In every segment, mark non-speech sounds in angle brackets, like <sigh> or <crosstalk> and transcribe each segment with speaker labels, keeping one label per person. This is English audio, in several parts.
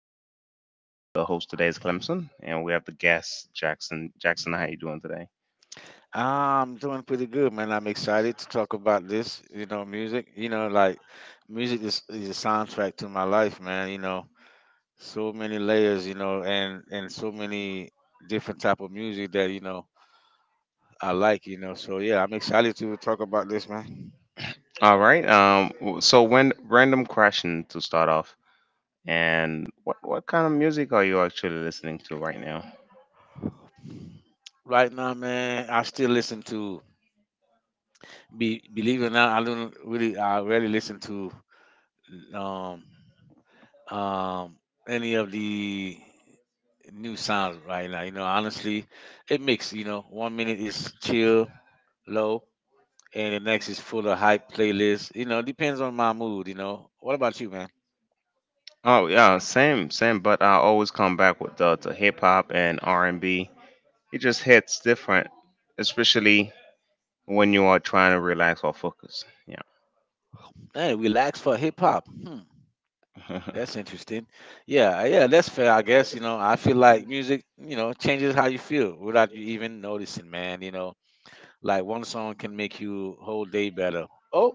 Speaker 1: and Clemson. The host today is Clemson, and we have the guest Jackson. Jackson, how you doing today?
Speaker 2: I'm doing pretty good, man. I'm excited to talk about this, music. Like music is a soundtrack to my life, man. So many layers, and so many different type of music that, I like. So yeah, I'm excited to talk about this, man.
Speaker 1: All right. W- So, when Random question to start off, and what kind of music are you actually listening to right now?
Speaker 2: Right now, man, I still listen to be believe it or not, I don't really, I rarely listen to um um, any of the new sounds right now. Honestly, it mix. 1 minute is chill, low, and the next is full of hype playlist. Depends on my mood. What about you, man?
Speaker 1: Oh yeah, same. But I always come back with the hip hop and R and B. It just hits different, especially when you are trying to relax or focus.
Speaker 2: Hey, relax for hip hop. Hmm.
Speaker 1: Yeah.
Speaker 2: That's
Speaker 1: <laughs>
Speaker 2: interesting. Yeah, yeah, that's fair, I guess. I feel like music, changes how you feel without you even noticing, man. Like one song can make you whole day better. Oh,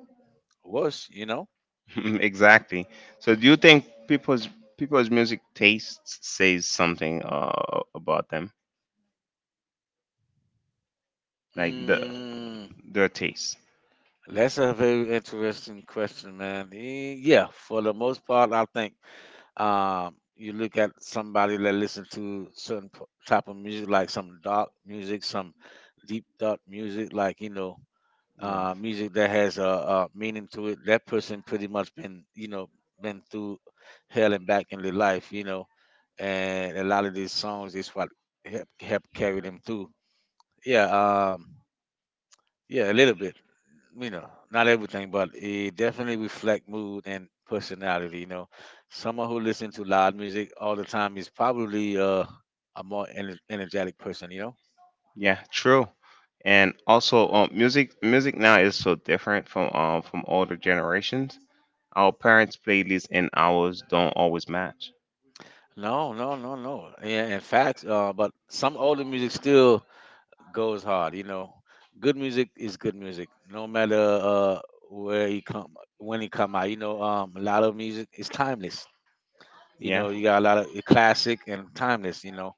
Speaker 2: worse, you know?
Speaker 1: <laughs> Exactly. So do you think people's music tastes says something about them, like
Speaker 2: Mm.
Speaker 1: their taste?
Speaker 2: That's a very interesting question, man. Yeah, for the most part, I think you look at somebody that listens to certain type of music, like some dark music, some deep dark music, like music that has a meaning to it. That person pretty much been, been through hell and back in their life, and a lot of these songs is what help carry them through. Yeah, yeah, a little bit not everything, but it definitely reflect mood and personality. Someone who listens to loud music all the time is probably a more energetic person.
Speaker 1: Yeah, true. And also, music now is so different from older generations. Our parents' playlists and ours don't always match.
Speaker 2: No, no, no, no. Yeah, in fact, but some older music still goes hard. Good music is good music, no matter where he come when he come out. A lot of music is timeless.
Speaker 1: Yeah,
Speaker 2: You got a lot of classic and timeless.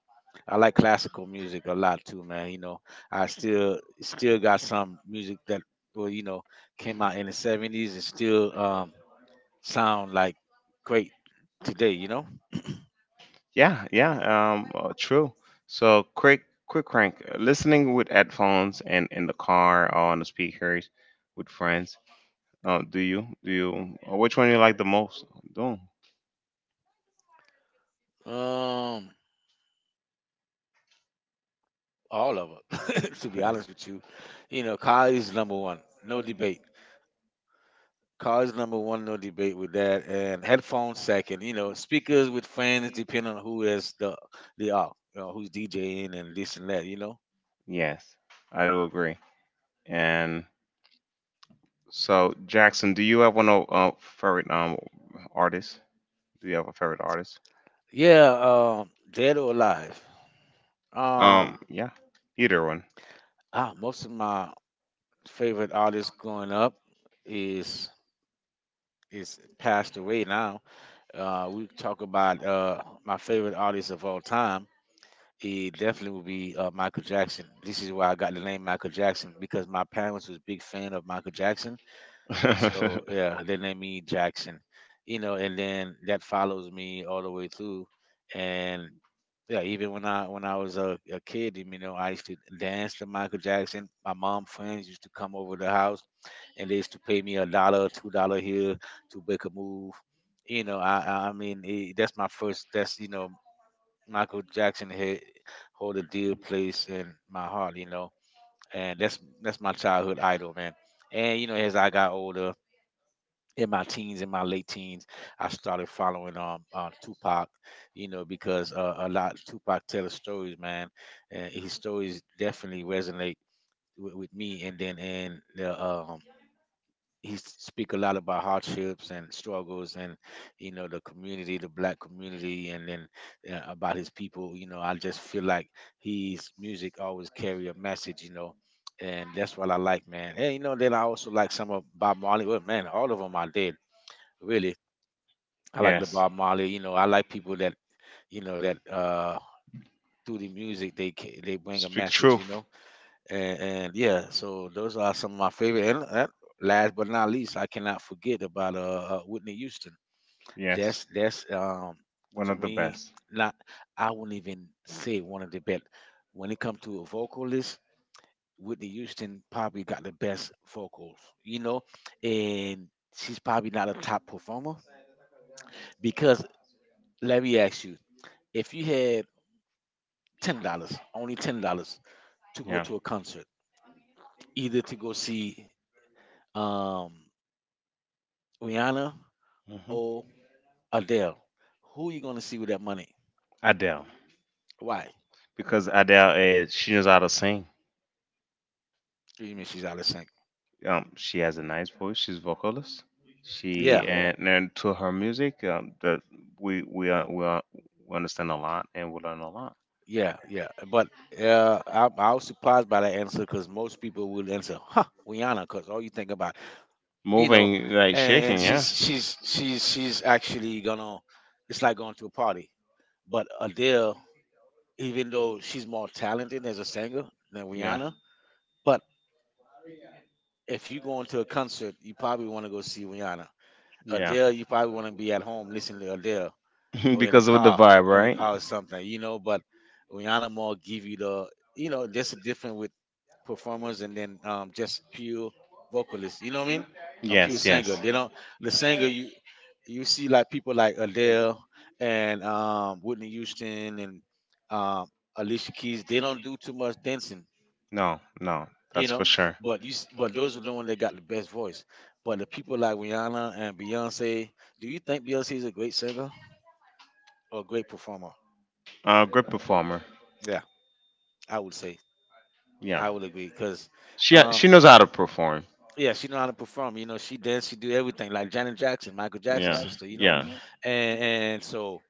Speaker 2: I like classical music a lot too, man. I still got some music that well, came out in the 70s and still sound like great today.
Speaker 1: yeah, yeah. True. So quick, rank. Listening with headphones and in the car or on the speakers with friends. Oh, do you? Do you? Which one you like the most? Do
Speaker 2: Um, all of it. <laughs> To be honest with you, Kylie's number one, no debate. College number one, no debate with that, and headphones second. Speakers with fans depending on who is the are, who's DJing and this and that.
Speaker 1: Yes, I do agree. And so, Jackson, do you have one of favorite artists? Do you have a favorite artist?
Speaker 2: Yeah, dead or alive. Um,
Speaker 1: Yeah, either one.
Speaker 2: Most of my favorite artists growing up is is passed away now. We talk about my favorite artist of all time. It definitely would be Michael Jackson. This is why I got the name Michael Jackson because my parents was big fan of Michael Jackson. So
Speaker 1: <laughs>
Speaker 2: yeah, then I meet Jackson, and then that follows me all the way through, and yeah, even when I was a kid, I used to dance to Michael Jackson. My mom friends used to come over the house, and they used to pay me a dollar, $2 here to make a move. I mean it, that's my first. That's Michael Jackson had hold a dear place in my heart. And that's my childhood idol, man. And as I got older, in my late teens, I started following Tupac, because a lot Tupac tell his stories, man, and his stories definitely resonate with me. And then and the he speak a lot about hardships and struggles and the black community, and then about his people. I just feel like his music always carry a message. And that's what I like, man. And then I also like some of Bob Marley. Well, man, all of them I did really. I like the
Speaker 1: Yes,
Speaker 2: Bob Marley. I like people that that through the music they bring a
Speaker 1: speak
Speaker 2: message. You
Speaker 1: truth.
Speaker 2: know, and, and yeah, so those are some of my favorite. And last but not least, I cannot forget about Whitney Houston. That's
Speaker 1: Yes,
Speaker 2: that's
Speaker 1: one
Speaker 2: to
Speaker 1: of the
Speaker 2: me,
Speaker 1: best.
Speaker 2: not I wouldn't even say one of the best when it comes to a vocalist. Whitney Houston probably got the best vocals. And she's probably not a top performer because let me ask you, if you had $10, only $10 to go
Speaker 1: Yeah.
Speaker 2: to a concert, either to go see um, Rihanna
Speaker 1: Mhm.
Speaker 2: or Adele. Who you gonna see with that money?
Speaker 1: Adele,
Speaker 2: Why? What
Speaker 1: because Adele is, she knows how to sing.
Speaker 2: do you mean she's out of sync?
Speaker 1: Um, she has a nice voice. She's vocalist.
Speaker 2: Yeah,
Speaker 1: She and, to her music, that we we are, we, are, we understand a lot and we learn a lot.
Speaker 2: yeah, yeah. But I was surprised by that answer because most people would answer, "Huh, Rihanna," because all you think about, you know,
Speaker 1: Moving like shaking,
Speaker 2: and
Speaker 1: yeah,
Speaker 2: she's actually gonna. It's like going to a party, but Adele, even though she's more talented as a singer than
Speaker 1: yeah,
Speaker 2: Rihanna. But if you go into a concert, you probably want to go see Rihanna.
Speaker 1: yeah.
Speaker 2: Adele, you probably want to be at home listening to Adele
Speaker 1: <laughs>
Speaker 2: or in a
Speaker 1: Because of the
Speaker 2: car,
Speaker 1: vibe,
Speaker 2: in a
Speaker 1: right?
Speaker 2: car or something. But Rihanna more give you the, that's a different with performers and then just pure vocalists. You know what I mean? A pure
Speaker 1: Yes,
Speaker 2: singer.
Speaker 1: yes.
Speaker 2: They don't. The singer you see like people like Adele and Whitney Houston and um, Alicia Keys. They don't do too much dancing.
Speaker 1: No, no,
Speaker 2: You
Speaker 1: that's for
Speaker 2: know,
Speaker 1: sure.
Speaker 2: but those are the ones that got the best voice. But the people like Rihanna and Beyonce, do you think Beyonce is a great singer or a great performer?
Speaker 1: Great performer.
Speaker 2: Yeah, I would say,
Speaker 1: Yeah,
Speaker 2: I would agree because, um,
Speaker 1: she knows how to perform.
Speaker 2: yeah, she know how to perform. She dance, she do everything like Janet Jackson, Michael Jackson's
Speaker 1: Yeah,
Speaker 2: sister.
Speaker 1: yeah.
Speaker 2: And so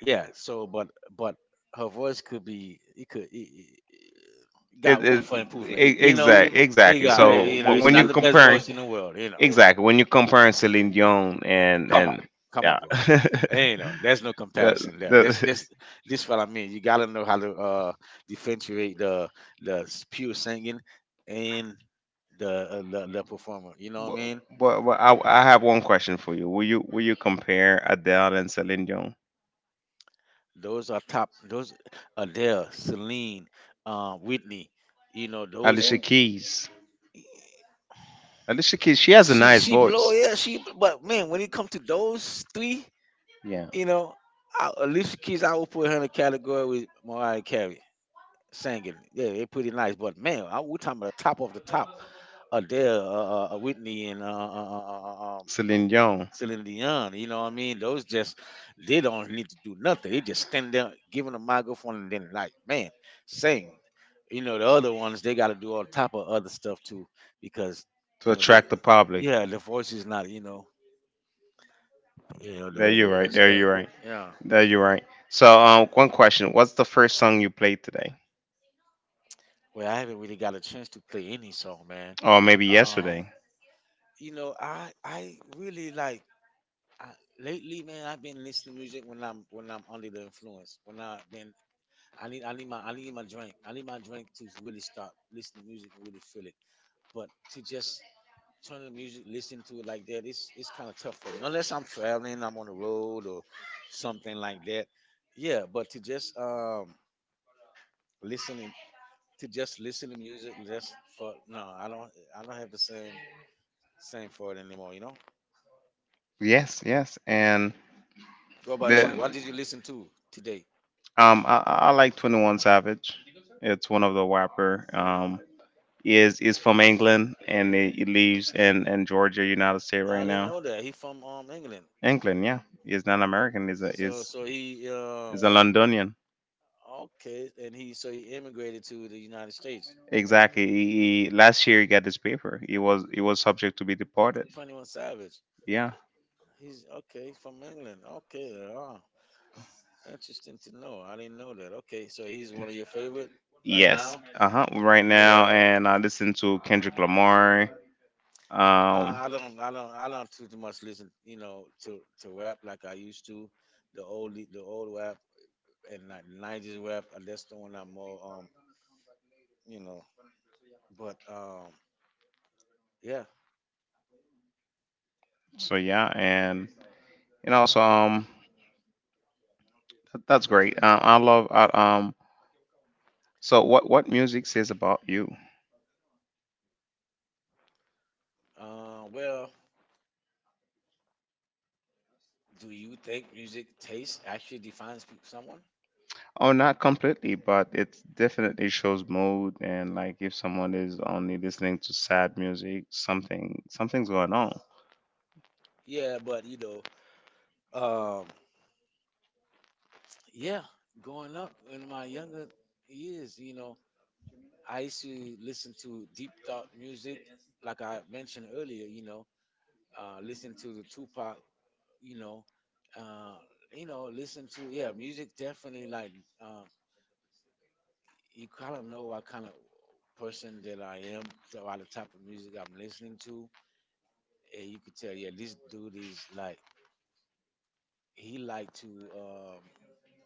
Speaker 2: yeah, so but her voice could be it could it
Speaker 1: It
Speaker 2: got room
Speaker 1: is,
Speaker 2: for improvement. It
Speaker 1: exactly.
Speaker 2: got
Speaker 1: So
Speaker 2: it's
Speaker 1: when you're
Speaker 2: not the best
Speaker 1: comparing,
Speaker 2: voice in the world.
Speaker 1: exactly when you're comparing Celine Dion and
Speaker 2: Come on, come on,
Speaker 1: yeah, <laughs>
Speaker 2: bro. Ain't no, there's no
Speaker 1: that,
Speaker 2: comparison there. That's this what I mean. You gotta know how to differentiate the pure singing and the performer. You know what I
Speaker 1: but,
Speaker 2: mean?
Speaker 1: but I have one question for you. Will you compare Adele and Celine Dion?
Speaker 2: Those are top. Those Adele, Celine, Whitney. You know those.
Speaker 1: Alicia Keys. Alicia Keys. She has a
Speaker 2: She
Speaker 1: nice
Speaker 2: she blow
Speaker 1: voice.
Speaker 2: yeah she. But man, when it comes to those three,
Speaker 1: Yeah,
Speaker 2: you know, Alicia Keys, I would put her in the category with Mariah Carey singing. Yeah, they pretty nice. But man, we're talking about the top of the top Adele, Whitney, and
Speaker 1: Celine Dion,
Speaker 2: Celine Dion. You know what I mean? Those just They don't really need to do nothing. They just stand there, giving a microphone, and then like, man, sing. You know the other ones, they got to do all type of other stuff too because
Speaker 1: to
Speaker 2: they,
Speaker 1: attract the public.
Speaker 2: yeah, the voice is not you know you know the
Speaker 1: There you're
Speaker 2: the
Speaker 1: right.
Speaker 2: best
Speaker 1: There
Speaker 2: thing
Speaker 1: you're right.
Speaker 2: yeah.
Speaker 1: There you're right. So, one question: what's the first song you played today,
Speaker 2: Well, I haven't really got a chance to play any song, man.
Speaker 1: or maybe
Speaker 2: Um,
Speaker 1: yesterday?
Speaker 2: I really like. I, Lately, man, I've been listening to music when I'm under the influence. When I've been, I need my drink. I need my drink to really start listening to music and really feel it. But to just turn the music, listen to it like that, it's kind of tough for me. Unless I'm traveling, I'm on the road or something like that. Yeah, but listening to just listen to music just for no, I don't have the same for it anymore. You know.
Speaker 1: Yes, yes. And
Speaker 2: What about you? What
Speaker 1: the
Speaker 2: did you listen to today?
Speaker 1: I like 21 Savage. It's one of the rapper. Is from England and he lives in Georgia, United States
Speaker 2: I
Speaker 1: right
Speaker 2: didn't
Speaker 1: now.
Speaker 2: know that. He from England.
Speaker 1: England, yeah. He's not American. He's a
Speaker 2: So so he
Speaker 1: is a Londonian.
Speaker 2: okay, and he immigrated to the United States.
Speaker 1: Exactly. He, last year he got his paper. He was subject to be deported.
Speaker 2: 21 Savage.
Speaker 1: Yeah.
Speaker 2: He's okay, he's from England. Okay, interesting to know. I didn't know that. Okay, so he's one
Speaker 1: Right.
Speaker 2: of your favorite right
Speaker 1: Yes.
Speaker 2: now.
Speaker 1: Uh huh. Right
Speaker 2: Yeah,
Speaker 1: now, and I listen to Kendrick Lamar. No, um.
Speaker 2: I I
Speaker 1: I.
Speaker 2: don't, I don't, I don't too much listen, to rap like I used to, the old rap and like 90s rap. That's the one I'm more, you know. But yeah,
Speaker 1: So yeah, and also that's great. I love um. So what music says about you?
Speaker 2: well, do you think music taste actually defines someone?
Speaker 1: Oh, not completely, but it definitely shows mood and, like, if someone is only listening to sad music, something's going on.
Speaker 2: Yeah, but um, yeah, growing up in my younger years, I used to listen to deep thought music, like I mentioned earlier. Listen to the Tupac. You know, uh, Listen to yeah, music definitely like uh, you kind of know what kind of person that I am by the type of music I'm listening to. And you could tell, yeah, this dude is like he liked to um,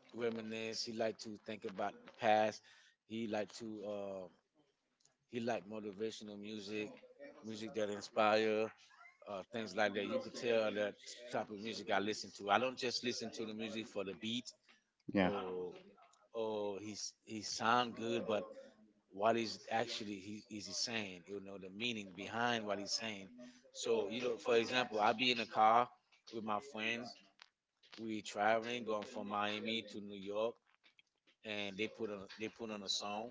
Speaker 2: reminisce. He liked to think about the past. He liked to uh, he liked motivational music, music that inspire, things like that. You could tell that type of music I listen to. I don't just listen to the music for the beat
Speaker 1: Yeah.
Speaker 2: or or he sound good, but what is actually he saying? You know the meaning behind what he's saying. So you know, for example, I be in a car with my friends. We traveling, going from Miami to New York, and they put on a song.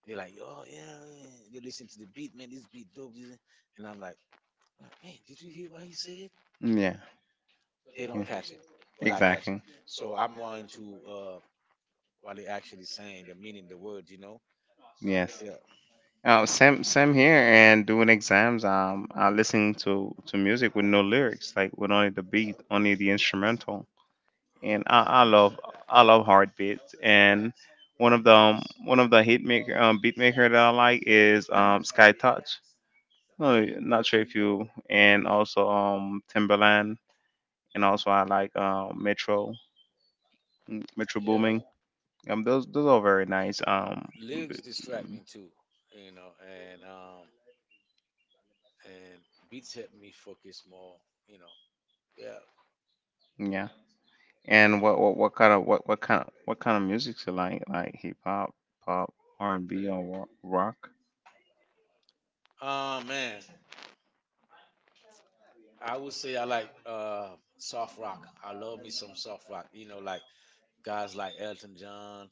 Speaker 2: They're like, oh, yeah, yeah. They listen to the beat, man. This beat dope, and I'm like, man, did you hear what he said?
Speaker 1: Yeah.
Speaker 2: They don't
Speaker 1: Yeah.
Speaker 2: catch it, but I catch it.
Speaker 1: Exactly.
Speaker 2: So I'm more into what they actually saying, the meaning, the words.
Speaker 1: Yes.
Speaker 2: Yeah,
Speaker 1: Oh, same same here. And doing exams, I listen to music with no lyrics, like with only the beat, only the instrumental. And I love hard beats. And one of the hit maker, beat maker that I like is Sky Touch. No, not sure if you, and also Timberland, and also I like Metro, Metro
Speaker 2: yeah.
Speaker 1: Booming. Those are very nice.
Speaker 2: Lyrics
Speaker 1: B-
Speaker 2: distract me too, you know, and um, and beats help me focus more, you know. Yeah.
Speaker 1: yeah. And what kind of music's you like? Like hip hop, pop, R and B, or rock?
Speaker 2: Man, I would say I like soft rock. I love me some soft rock. You know, like guys like Elton John,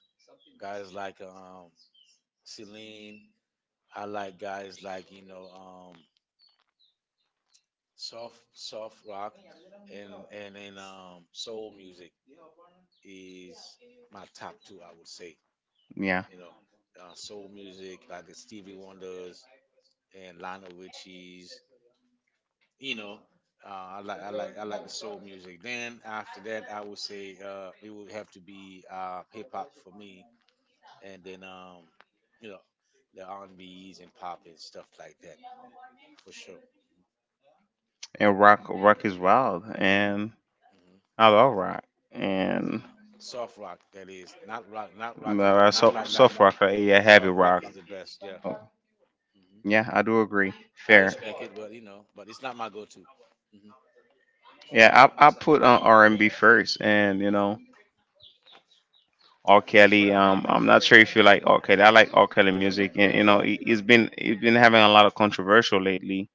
Speaker 2: guys like Celine. I like guys like soft rock and soul music is my top two. I would say
Speaker 1: Yeah.
Speaker 2: you know soul music like the Stevie Wonders and Lionel Richie's. You know. I like the soul music. Then after that, I would say it would have to be hip hop for me, and then you know, the R and B's and pop and stuff like that for sure.
Speaker 1: And rock is wild, and
Speaker 2: Hmm.
Speaker 1: I love rock.
Speaker 2: Yeah.
Speaker 1: And
Speaker 2: Soft rock, that is not rock, not rock and roll, not
Speaker 1: so
Speaker 2: light light.
Speaker 1: soft rock, yeah,
Speaker 2: Soft
Speaker 1: heavy
Speaker 2: rock
Speaker 1: rock.
Speaker 2: is the best. Yeah.
Speaker 1: Oh,
Speaker 2: Hmm.
Speaker 1: yeah, I do agree.
Speaker 2: I
Speaker 1: Fair.
Speaker 2: respect it, but it's not my go-to. Hmm.
Speaker 1: Yeah, I put on R and B first, and you know, R. Kelly. I'm not sure if you like R. Kelly. I like R. Kelly music, and
Speaker 2: Yeah,
Speaker 1: you know, he's been having a lot of controversial lately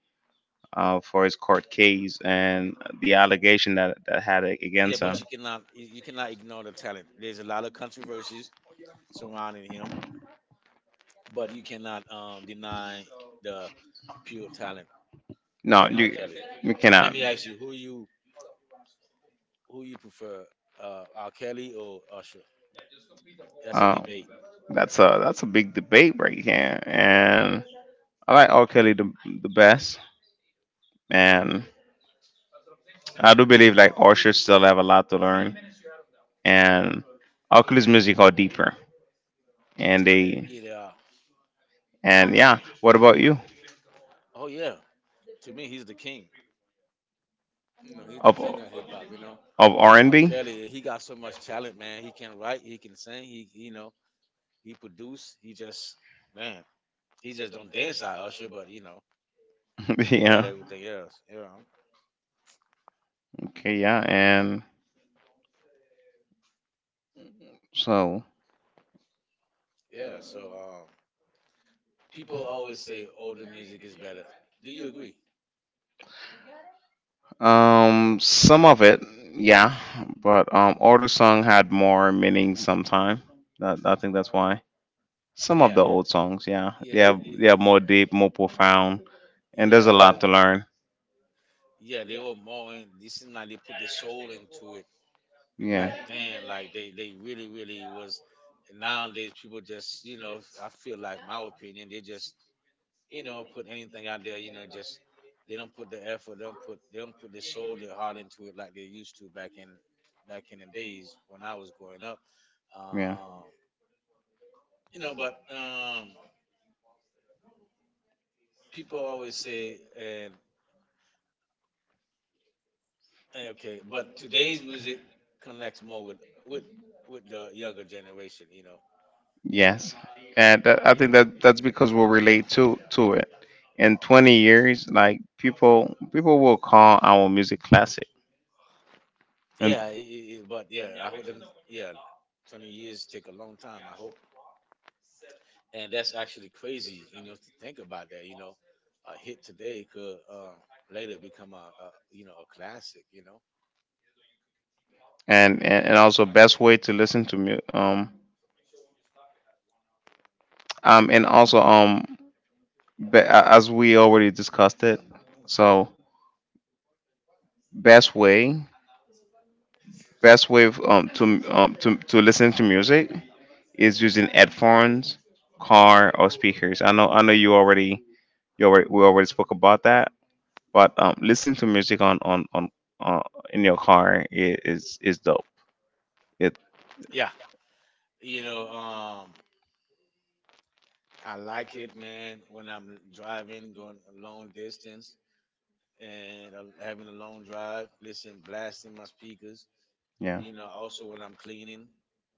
Speaker 1: for his court case and the allegation that had
Speaker 2: yeah,
Speaker 1: against
Speaker 2: but
Speaker 1: him.
Speaker 2: you cannot ignore the talent. There's a lot of controversies surrounding him, but you cannot deny the pure talent
Speaker 1: No,
Speaker 2: from R.
Speaker 1: you
Speaker 2: Kelly.
Speaker 1: you
Speaker 2: Let
Speaker 1: cannot.
Speaker 2: me ask you, who you prefer, R. Kelly or Usher? That's a
Speaker 1: Uh,
Speaker 2: debate.
Speaker 1: that's a big debate right here, and I like R. Kelly the best, and I do believe like R still have a lot to learn. And Oculus Music are deeper. And they
Speaker 2: It uh
Speaker 1: and yeah, what about you?
Speaker 2: Oh, yeah. To me he's the king. You know, he's the king of hip hop.
Speaker 1: Of R and
Speaker 2: R.
Speaker 1: B?
Speaker 2: Kelly, he got so much talent, man. He can write, he can sing, he produce, he just, man, he just don't dance like Usher, but
Speaker 1: <laughs>
Speaker 2: he got
Speaker 1: Yeah.
Speaker 2: everything else. Yeah.
Speaker 1: Okay, yeah. And so
Speaker 2: Yeah. So people always say older music is better. Do you agree?
Speaker 1: um, some of it, yeah, but older song had more meaning sometime. That, I think that's why. Some
Speaker 2: Yeah,
Speaker 1: of the old songs, yeah. They
Speaker 2: yeah,
Speaker 1: have, they have more deep, more profound, and
Speaker 2: yeah,
Speaker 1: there's a lot to learn.
Speaker 2: yeah. They were more in. This seemed like they put their soul into it. Back
Speaker 1: Yeah.
Speaker 2: then, like they really really was. And nowadays people just, I feel like, my opinion, they just, put anything out there, just, they don't put the effort, they don't put their soul, their heart into it like they used to back in, the days when I was growing up. uh,
Speaker 1: Yeah.
Speaker 2: um, but people always say, and okay, but today's music connects more with with the younger generation.
Speaker 1: Yes, and that, I think that that's because we relate to it. In 20 years, like people will call our music classic,
Speaker 2: Yeah,
Speaker 1: and
Speaker 2: but yeah, I hope them. Yeah, 20 years take a long time. I hope, and that's actually crazy, to think about that. You know, a hit today could later become a classic. You know.
Speaker 1: and also best way to listen to um, and also as we already discussed it, so best way best way of, to listen to music is using headphones, car or speakers. I know, you already, we already spoke about that. But listening to music on uh, in your car is dope. It,
Speaker 2: Yeah. you know, um, I like it, man. When I'm driving, going a long distance, and having a long drive, listen, blasting my speakers.
Speaker 1: yeah.
Speaker 2: You know, also when I'm cleaning.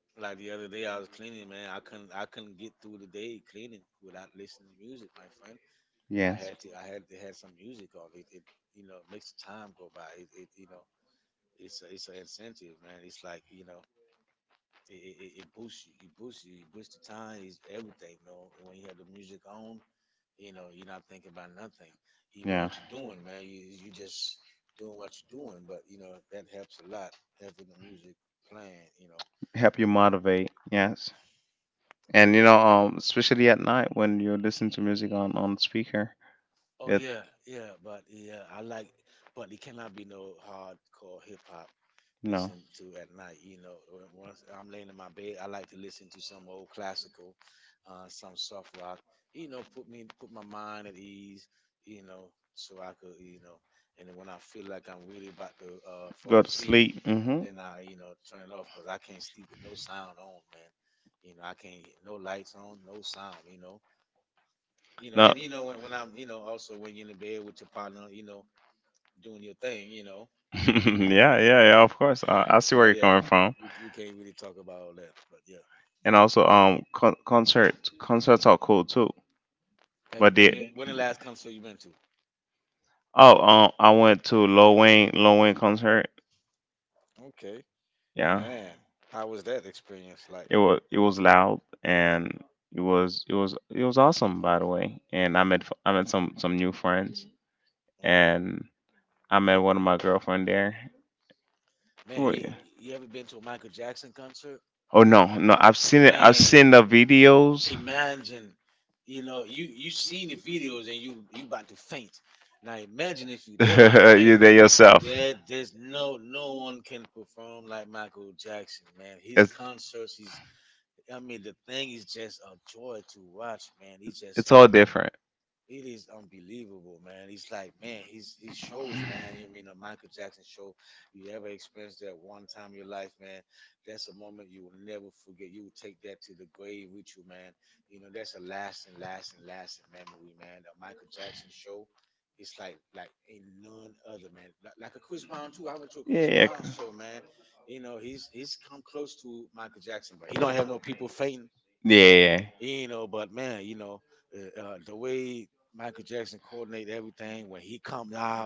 Speaker 2: Like the other day, I was cleaning, man. I couldn't get through the day cleaning without listening to music, my friend. I had
Speaker 1: Yes.
Speaker 2: to, I had to have some music on. It makes the time go by. It you know, it's a, it's an incentive, man. It's like, it boosts you, it boosts the time, it's everything. You know, when you have the music on, you're not thinking about nothing, even what
Speaker 1: Yeah,
Speaker 2: you're doing, man. You just doing what you're doing, but you know that helps a lot having the music playing. You know.
Speaker 1: help you motivate, yes. And you know um, especially at night when you listen to music on speaker
Speaker 2: Oh
Speaker 1: it,
Speaker 2: yeah, yeah, but yeah, but it cannot be no hardcore hip hop
Speaker 1: you
Speaker 2: listen
Speaker 1: know,
Speaker 2: to at night. You know, once I'm laying in my bed, I like to listen to some old classical, some soft rock. You know, put my mind at ease. You know, so I could, and then when I feel like I'm really about to fall
Speaker 1: go to
Speaker 2: asleep,
Speaker 1: sleep. Mm hmm.
Speaker 2: then I turn it off because I can't sleep with no sound on, man. You know, I can't no lights on, no sound. You know, and
Speaker 1: No.
Speaker 2: when I'm, also when you're in the bed with your partner, doing your thing.
Speaker 1: <laughs> Yeah, yeah, yeah. Of course, I see
Speaker 2: But
Speaker 1: where you're
Speaker 2: yeah,
Speaker 1: coming from,
Speaker 2: we can't really talk about all that. But yeah,
Speaker 1: and also um, concerts, are cool too.
Speaker 2: have you
Speaker 1: But
Speaker 2: been there?
Speaker 1: they...
Speaker 2: When the last concert you been to?
Speaker 1: Oh um, I went to Lil Wayne, concert.
Speaker 2: Okay,
Speaker 1: Yeah,
Speaker 2: man, how was that experience like?
Speaker 1: it was loud, and it was awesome, by the way. And I met I met some new friends,
Speaker 2: Man,
Speaker 1: and I met one of my girlfriend there.
Speaker 2: man,
Speaker 1: Oh
Speaker 2: you,
Speaker 1: yeah.
Speaker 2: you ever been to a Michael Jackson concert?
Speaker 1: Oh, no, no! I've seen it. I've
Speaker 2: Man,
Speaker 1: seen the videos.
Speaker 2: imagine, you know, you seen the videos and you about to faint. Now imagine if you
Speaker 1: <laughs>
Speaker 2: there, my...
Speaker 1: There yourself.
Speaker 2: There's no one can perform like Michael Jackson, man. His concerts, he's I mean, the thing is just a joy to watch, man. He's just
Speaker 1: Different.
Speaker 2: It is unbelievable, man. He's like, man, he shows, man. You mean the Michael Jackson show? You ever experienced that one time in your life, man? That's a moment you will never forget. You will take that to the grave with you, man. You know, that's a lasting, lasting, lasting memory, man. The Michael Jackson show, it's like, ain't none other, man. Like a Chris Brown too. I went to a Chris Brown show, man. You know, he's come close to Michael Jackson, but he don't have no people fainting
Speaker 1: Yeah.
Speaker 2: you know. But man, you know, the way Michael Jackson coordinated everything when he comes out,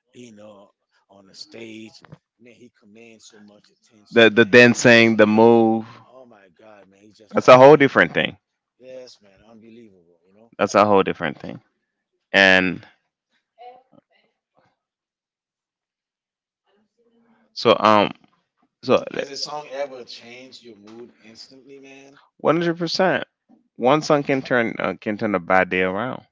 Speaker 2: you know, on the stage, man, he commands so much attention. Man, he just,
Speaker 1: Dancing, the
Speaker 2: you know,
Speaker 1: move.
Speaker 2: oh my God, man, he's just like,
Speaker 1: A whole different thing.
Speaker 2: yes, man, unbelievable. You know.
Speaker 1: That's a whole different thing. And so um, so
Speaker 2: Has a song ever changed your mood instantly, man?
Speaker 1: 100%, one song can turn a bad day around.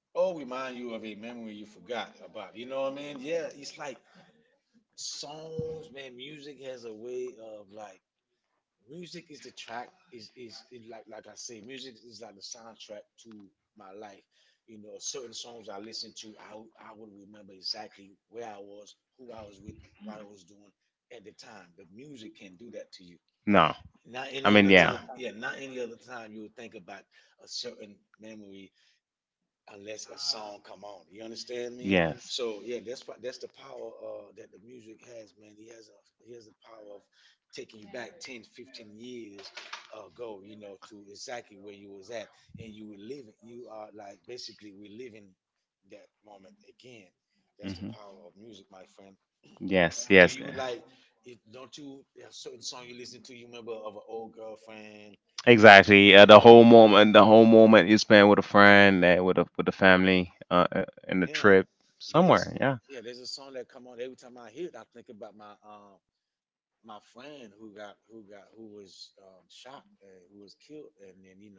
Speaker 2: Or remind you of a memory you forgot about? You know what I mean? Yeah, it's like songs, man. Music has a way of, like, music is the track, is, like I say, music is like the soundtrack to my life. You know, certain songs I listen to, I would remember exactly where I was, who I was with, what I was doing at the time. The music can do that to you.
Speaker 1: No,
Speaker 2: Not any other time, yeah. Not any other time you would think
Speaker 1: it
Speaker 2: about a certain memory unless a song come on. You understand me? So yeah, that's the power that the music has, man. He has the power of taking you back 10, 15 years ago, you know, to exactly where you was at, and you were living. You are like basically we're living that moment again. That's the power of music, my friend.
Speaker 1: friend.
Speaker 2: Do you
Speaker 1: Yes.
Speaker 2: like? Don't you have certain song you listen to? You remember of an old girlfriend that you,
Speaker 1: Exactly.
Speaker 2: you
Speaker 1: The
Speaker 2: know?
Speaker 1: whole moment, you spend with a friend, with a with the family, in the
Speaker 2: Yeah.
Speaker 1: trip
Speaker 2: There's a
Speaker 1: somewhere. Yeah.
Speaker 2: yeah, there's a song that come on every time I hear it. I think about my my friend who was shot and who was killed, and then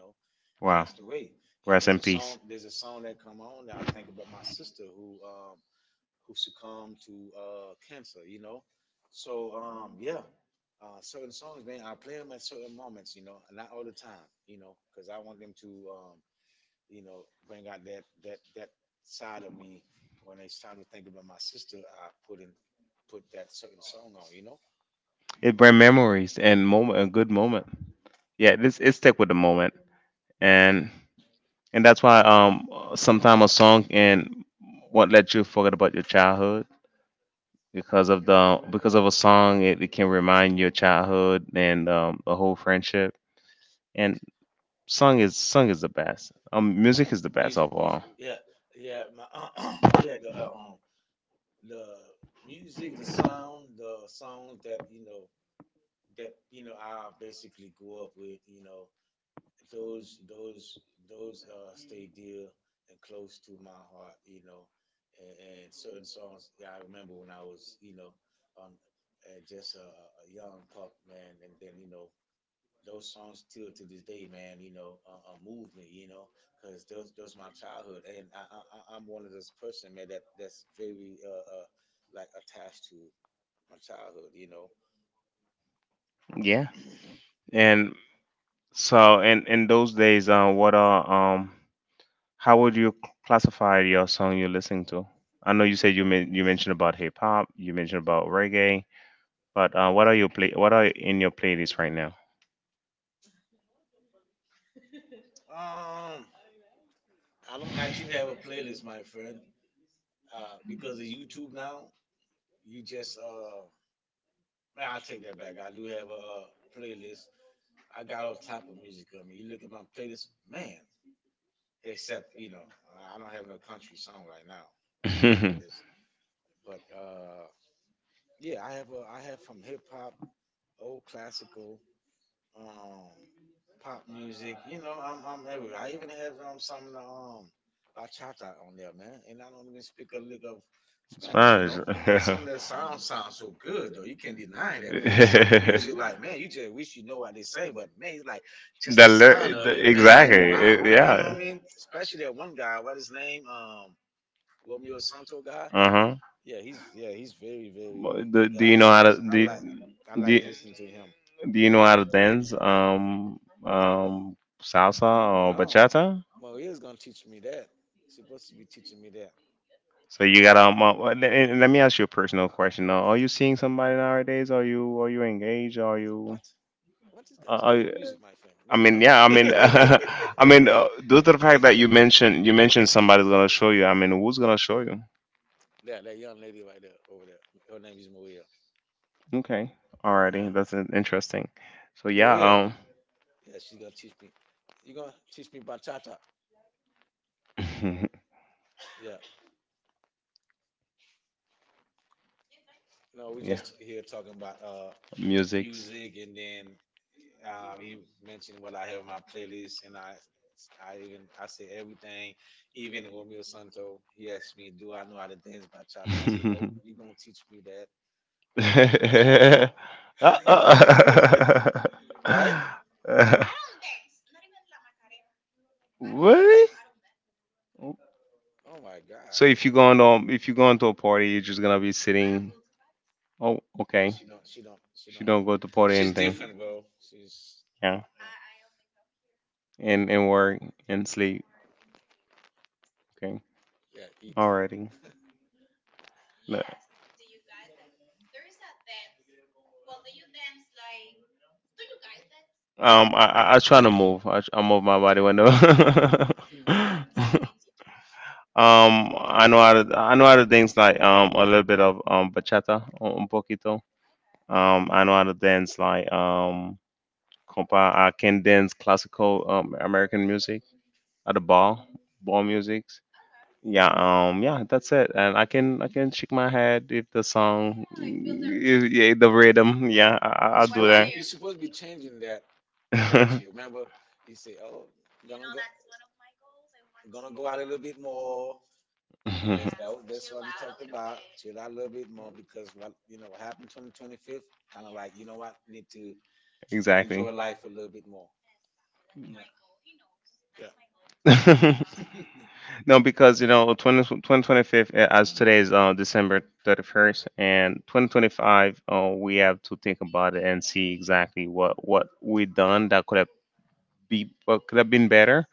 Speaker 2: passed
Speaker 1: Wow.
Speaker 2: away. And there's
Speaker 1: Rest
Speaker 2: a
Speaker 1: in
Speaker 2: song
Speaker 1: peace.
Speaker 2: there's a song that come on that I think about my sister who succumbed to cancer. You know, so yeah. Certain songs, man, I play them at certain moments, not all the time, because I want them to bring out that side of me. When it's time to think about my sister, I put that certain song on. You know,
Speaker 1: It brings memories and moment, a good moment. Yeah. This, it stick with the moment, and that's why um, sometimes a song and won't let you forget about your childhood because of the, because of a song, it can remind you of childhood and the whole friendship. And song is the best. Music is the
Speaker 2: music,
Speaker 1: best of
Speaker 2: music.
Speaker 1: all.
Speaker 2: Yeah, yeah, my <clears throat> yeah, the music, the sound, the songs that you know I basically grew up with. You know, those those those stay dear and close to my heart, you know, and certain songs. Yeah, I remember when I was, you know, on just a young pup, man, and then, you know, those songs still to this day, man, you know, move me, you know, because those my childhood. And I'm one of those person, man, that's very like attached to my childhood, you know.
Speaker 1: Yeah. And so, in those days, what are how would you classify your song you're listening to? I know you said you mentioned about hip hop, you mentioned about reggae, but what are in your playlist right
Speaker 2: um I don't actually have a playlist, my friend. Uh, because of YouTube now. You just, uh, man, I take that back. I do have a, uh, playlist. I got all type of music on me. You look at my playlist, man. Except, you know, I don't have no country song right now on my
Speaker 1: now?
Speaker 2: playlist.
Speaker 1: <laughs>
Speaker 2: But uh, yeah, I have a I have from hip hop, old classical. Um pop music. You know, I'm everywhere. I even have some of the bachata on there, man. And I don't even speak a lick of
Speaker 1: It's, you
Speaker 2: Spanish, you know.
Speaker 1: fine.
Speaker 2: But some of their
Speaker 1: It's,
Speaker 2: sounds
Speaker 1: <laughs>
Speaker 2: sound so good though. You can't deny
Speaker 1: man.
Speaker 2: that, man. Some of the music,
Speaker 1: It's-
Speaker 2: like, man, you just
Speaker 1: <laughs>
Speaker 2: wish you know what they say, but man, it's like just the
Speaker 1: the,
Speaker 2: sound of
Speaker 1: ly-
Speaker 2: it,
Speaker 1: the
Speaker 2: man. Like,
Speaker 1: Exactly.
Speaker 2: wow, you know what I
Speaker 1: Wow.
Speaker 2: mean?
Speaker 1: Yeah.
Speaker 2: Especially that one guy, what his name? Romeo Santo guy.
Speaker 1: Uh
Speaker 2: Yeah, he's very
Speaker 1: huh. Do, yeah,
Speaker 2: guy.
Speaker 1: do you know how to
Speaker 2: I
Speaker 1: do,
Speaker 2: like I like
Speaker 1: do, you-
Speaker 2: listening to him.
Speaker 1: Do you know how to dance? Um, salsa or
Speaker 2: No,
Speaker 1: bachata?
Speaker 2: Maria's gonna teach me that. She's supposed to be teaching me that.
Speaker 1: So you got. Uh, and let me ask you a personal question. Now, are you seeing somebody nowadays? Are you, engaged? Are
Speaker 2: What?
Speaker 1: you?
Speaker 2: What has got to
Speaker 1: Uh,
Speaker 2: do with
Speaker 1: I,
Speaker 2: music, my friend? What?
Speaker 1: I
Speaker 2: No.
Speaker 1: mean, yeah. I mean, <laughs> I mean, due to the fact that you mentioned somebody's gonna show you. I mean, who's gonna show you?
Speaker 2: Yeah, that young lady right there, over there. Her name is Maria.
Speaker 1: Okay, alrighty, that's interesting. So yeah,
Speaker 2: Maria. Yeah, she's gonna teach me. You gonna teach me bachata?
Speaker 1: <laughs>
Speaker 2: Yeah. No, we just
Speaker 1: yeah,
Speaker 2: here talking about
Speaker 1: music.
Speaker 2: music, and
Speaker 1: <laughs>
Speaker 2: then you mentioned what I have in my playlist, and I even I say everything. Even Romeo Santo, he asked me, "Do I know how to dance bachata?" I said, "No, you're gonna teach me that." How to drink bachata,
Speaker 1: Uh,
Speaker 2: right?
Speaker 1: uh. <laughs> Really?
Speaker 2: Oh my God,
Speaker 1: So if you go on if you go into a party, you're just gonna be sitting. Oh,
Speaker 2: yeah,
Speaker 1: okay.
Speaker 2: she don't.
Speaker 1: She don't go to
Speaker 2: She's
Speaker 1: party anything.
Speaker 2: different, bro. She's
Speaker 1: Yeah,
Speaker 2: yeah,
Speaker 1: and work and sleep. Okay,
Speaker 2: yeah eat.
Speaker 1: alrighty. Look, I try to move. I move my body window. <laughs> Um,
Speaker 2: Hmm.
Speaker 1: I know how to, dance like a little bit of bachata, un un poquito. I know how to dance like I can dance classical American music at the ball, ball music. Yeah, yeah, that's it. And I can shake my head if the song, if, yeah, the rhythm. Yeah, I'll do
Speaker 2: You
Speaker 1: that.
Speaker 2: supposed to be changing that next.
Speaker 1: <laughs>
Speaker 2: Remember, you say, "Oh, gonna go, gonna go out a little bit more." That's what you talked about. Chill out a little bit more because what you know what happened 2025, kind of like you know what need to enjoy
Speaker 1: Exactly.
Speaker 2: life a little bit more. Yeah, yeah.
Speaker 1: <laughs> No, because you know, 2025 as today is December 31st, and 2025, we have to think about it and see exactly what we done that could have be what could have been better,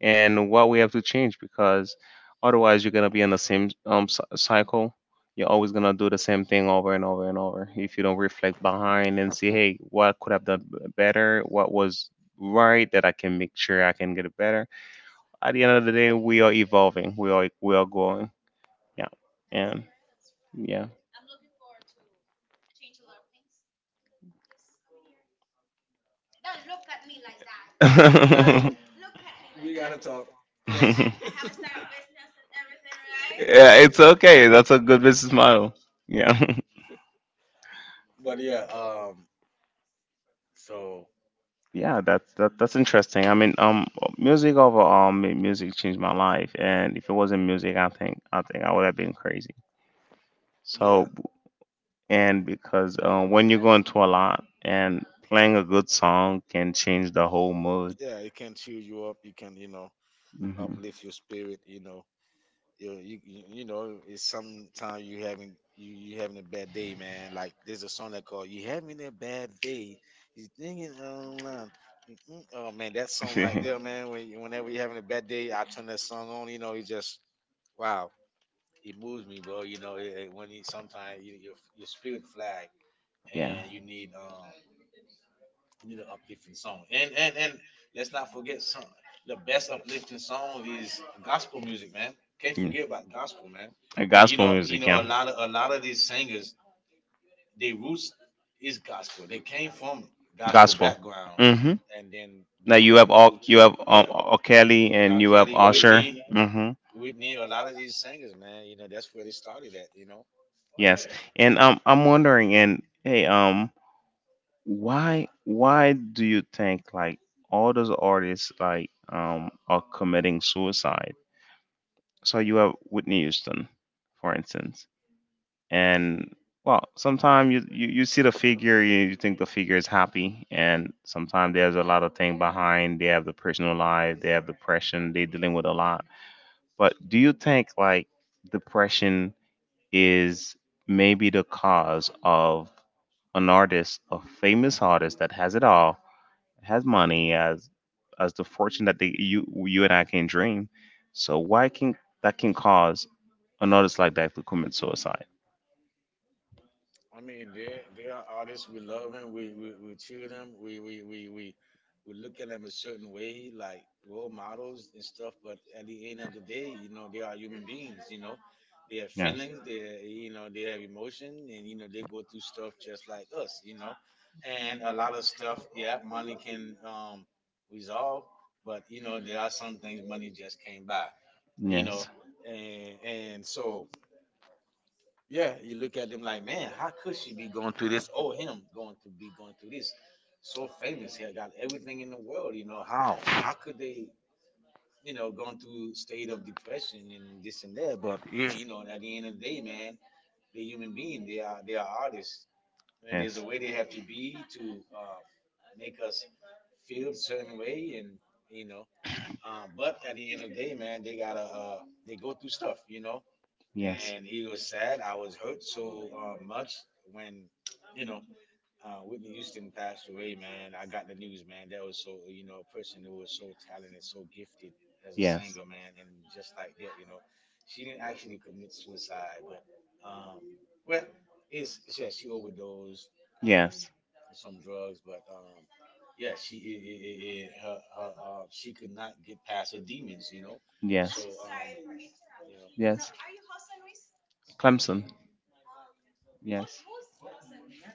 Speaker 1: and what we have to change because otherwise you're gonna be in the same cycle. You're always gonna do the same thing over and over and over if you don't reflect behind and see, hey, what could I have done better? What was right that I can make sure I can get it better? At the end of the day, we are evolving. We are, growing. Yeah, and yeah. <laughs>
Speaker 2: We gotta,
Speaker 1: Yeah,
Speaker 2: we gotta talk. Yes. <laughs> Mm,
Speaker 1: it's okay. That's a good business model. Yeah.
Speaker 2: but yeah, so
Speaker 1: <laughs> yeah, that's interesting. I mean, music overall, music changed my life, and if it wasn't music, I think I would have been crazy.
Speaker 2: yeah,
Speaker 1: So, and because when you go into a lot, and playing a good song can change the whole mood.
Speaker 2: yeah, it can cheer you up. You can, you know, uplift
Speaker 1: Mm-hmm.
Speaker 2: your spirit. You know, you know it's sometimes you having a bad day, man. Like, there's a song that called you having a bad day, you thinking online. Mm-mm. Oh, man, that song right there, man, whenever
Speaker 1: <laughs>
Speaker 2: you're having a bad day, I turn that song on, you know. It just wow, it moves me, bro, you know. When you sometimes your spirit flag,
Speaker 1: <laughs>
Speaker 2: and
Speaker 1: yeah.
Speaker 2: you need we need an uplifting song. And let's not forget the best uplifting song is gospel music, man. Can't forget
Speaker 1: Mm.
Speaker 2: about gospel,
Speaker 1: Uh,
Speaker 2: man.
Speaker 1: you
Speaker 2: And
Speaker 1: gospel
Speaker 2: you know,
Speaker 1: music, yeah.
Speaker 2: a lot of these singers, their roots is gospel. They came from gospel
Speaker 1: Gospel.
Speaker 2: background,
Speaker 1: Mm-hmm.
Speaker 2: and then
Speaker 1: Now
Speaker 2: before
Speaker 1: you
Speaker 2: they
Speaker 1: have know,
Speaker 2: moved
Speaker 1: all those
Speaker 2: to
Speaker 1: you have
Speaker 2: yeah,
Speaker 1: R. Kelly R.
Speaker 2: R.
Speaker 1: and R. you
Speaker 2: Kelly,
Speaker 1: have Usher. Mm-hmm.
Speaker 2: Whitney, a lot of these singers, man. You know, that's where they started at. You know,
Speaker 1: Yes. And I'm wondering, and hey, why do you think like all those artists like are committing suicide? So you have Whitney Houston, for instance. And well sometimes you see the figure, you think the figure is happy, and sometimes there's a lot of thing behind. They have the personal life, they have depression, they are dealing with a lot. But do you think like depression is maybe the cause of an artist, a famous artist that has it all, has money, as the fortune that they, you and I can dream. So why can that can cause an artist like that to commit suicide?
Speaker 2: I mean, they are artists. We love them. We We cheer them. We We look at them a certain way, like role models and stuff. But at the end of the day, you know, they are human beings. You know, they have feelings. They, you know, they have emotion, and you know they go through stuff just like us. You know, and a lot of stuff. Yeah, money can resolve, but you know there are some things money just can't buy. You
Speaker 1: And
Speaker 2: know, and so. Yeah, you look at them like, man, how could she be going through this? Oh, him going to be going through this. So famous, he got everything in the world. You know how? How could they, you know, going through state of depression and this and that? But yeah, you know, at the end of the day, man, they're human being. They are artists, and there's
Speaker 1: yes.
Speaker 2: a way they have to be to make us feel certain way, and you know. But at the end of the day, man, they gotta they go through stuff, you know, and he was sad. I was hurt so much when you know Whitney Houston passed away, man. I got the news, man. That was so, you know, a person who was so talented, so gifted as a singer, man, and just like that, you know, she didn't actually commit suicide, but um, well, it's yeah, she overdosed
Speaker 1: Yes. So
Speaker 2: on some drugs, but. Yeah, she I- her, her she could not get past her demons, you know. So
Speaker 1: yes.
Speaker 2: you know,
Speaker 1: Clemson.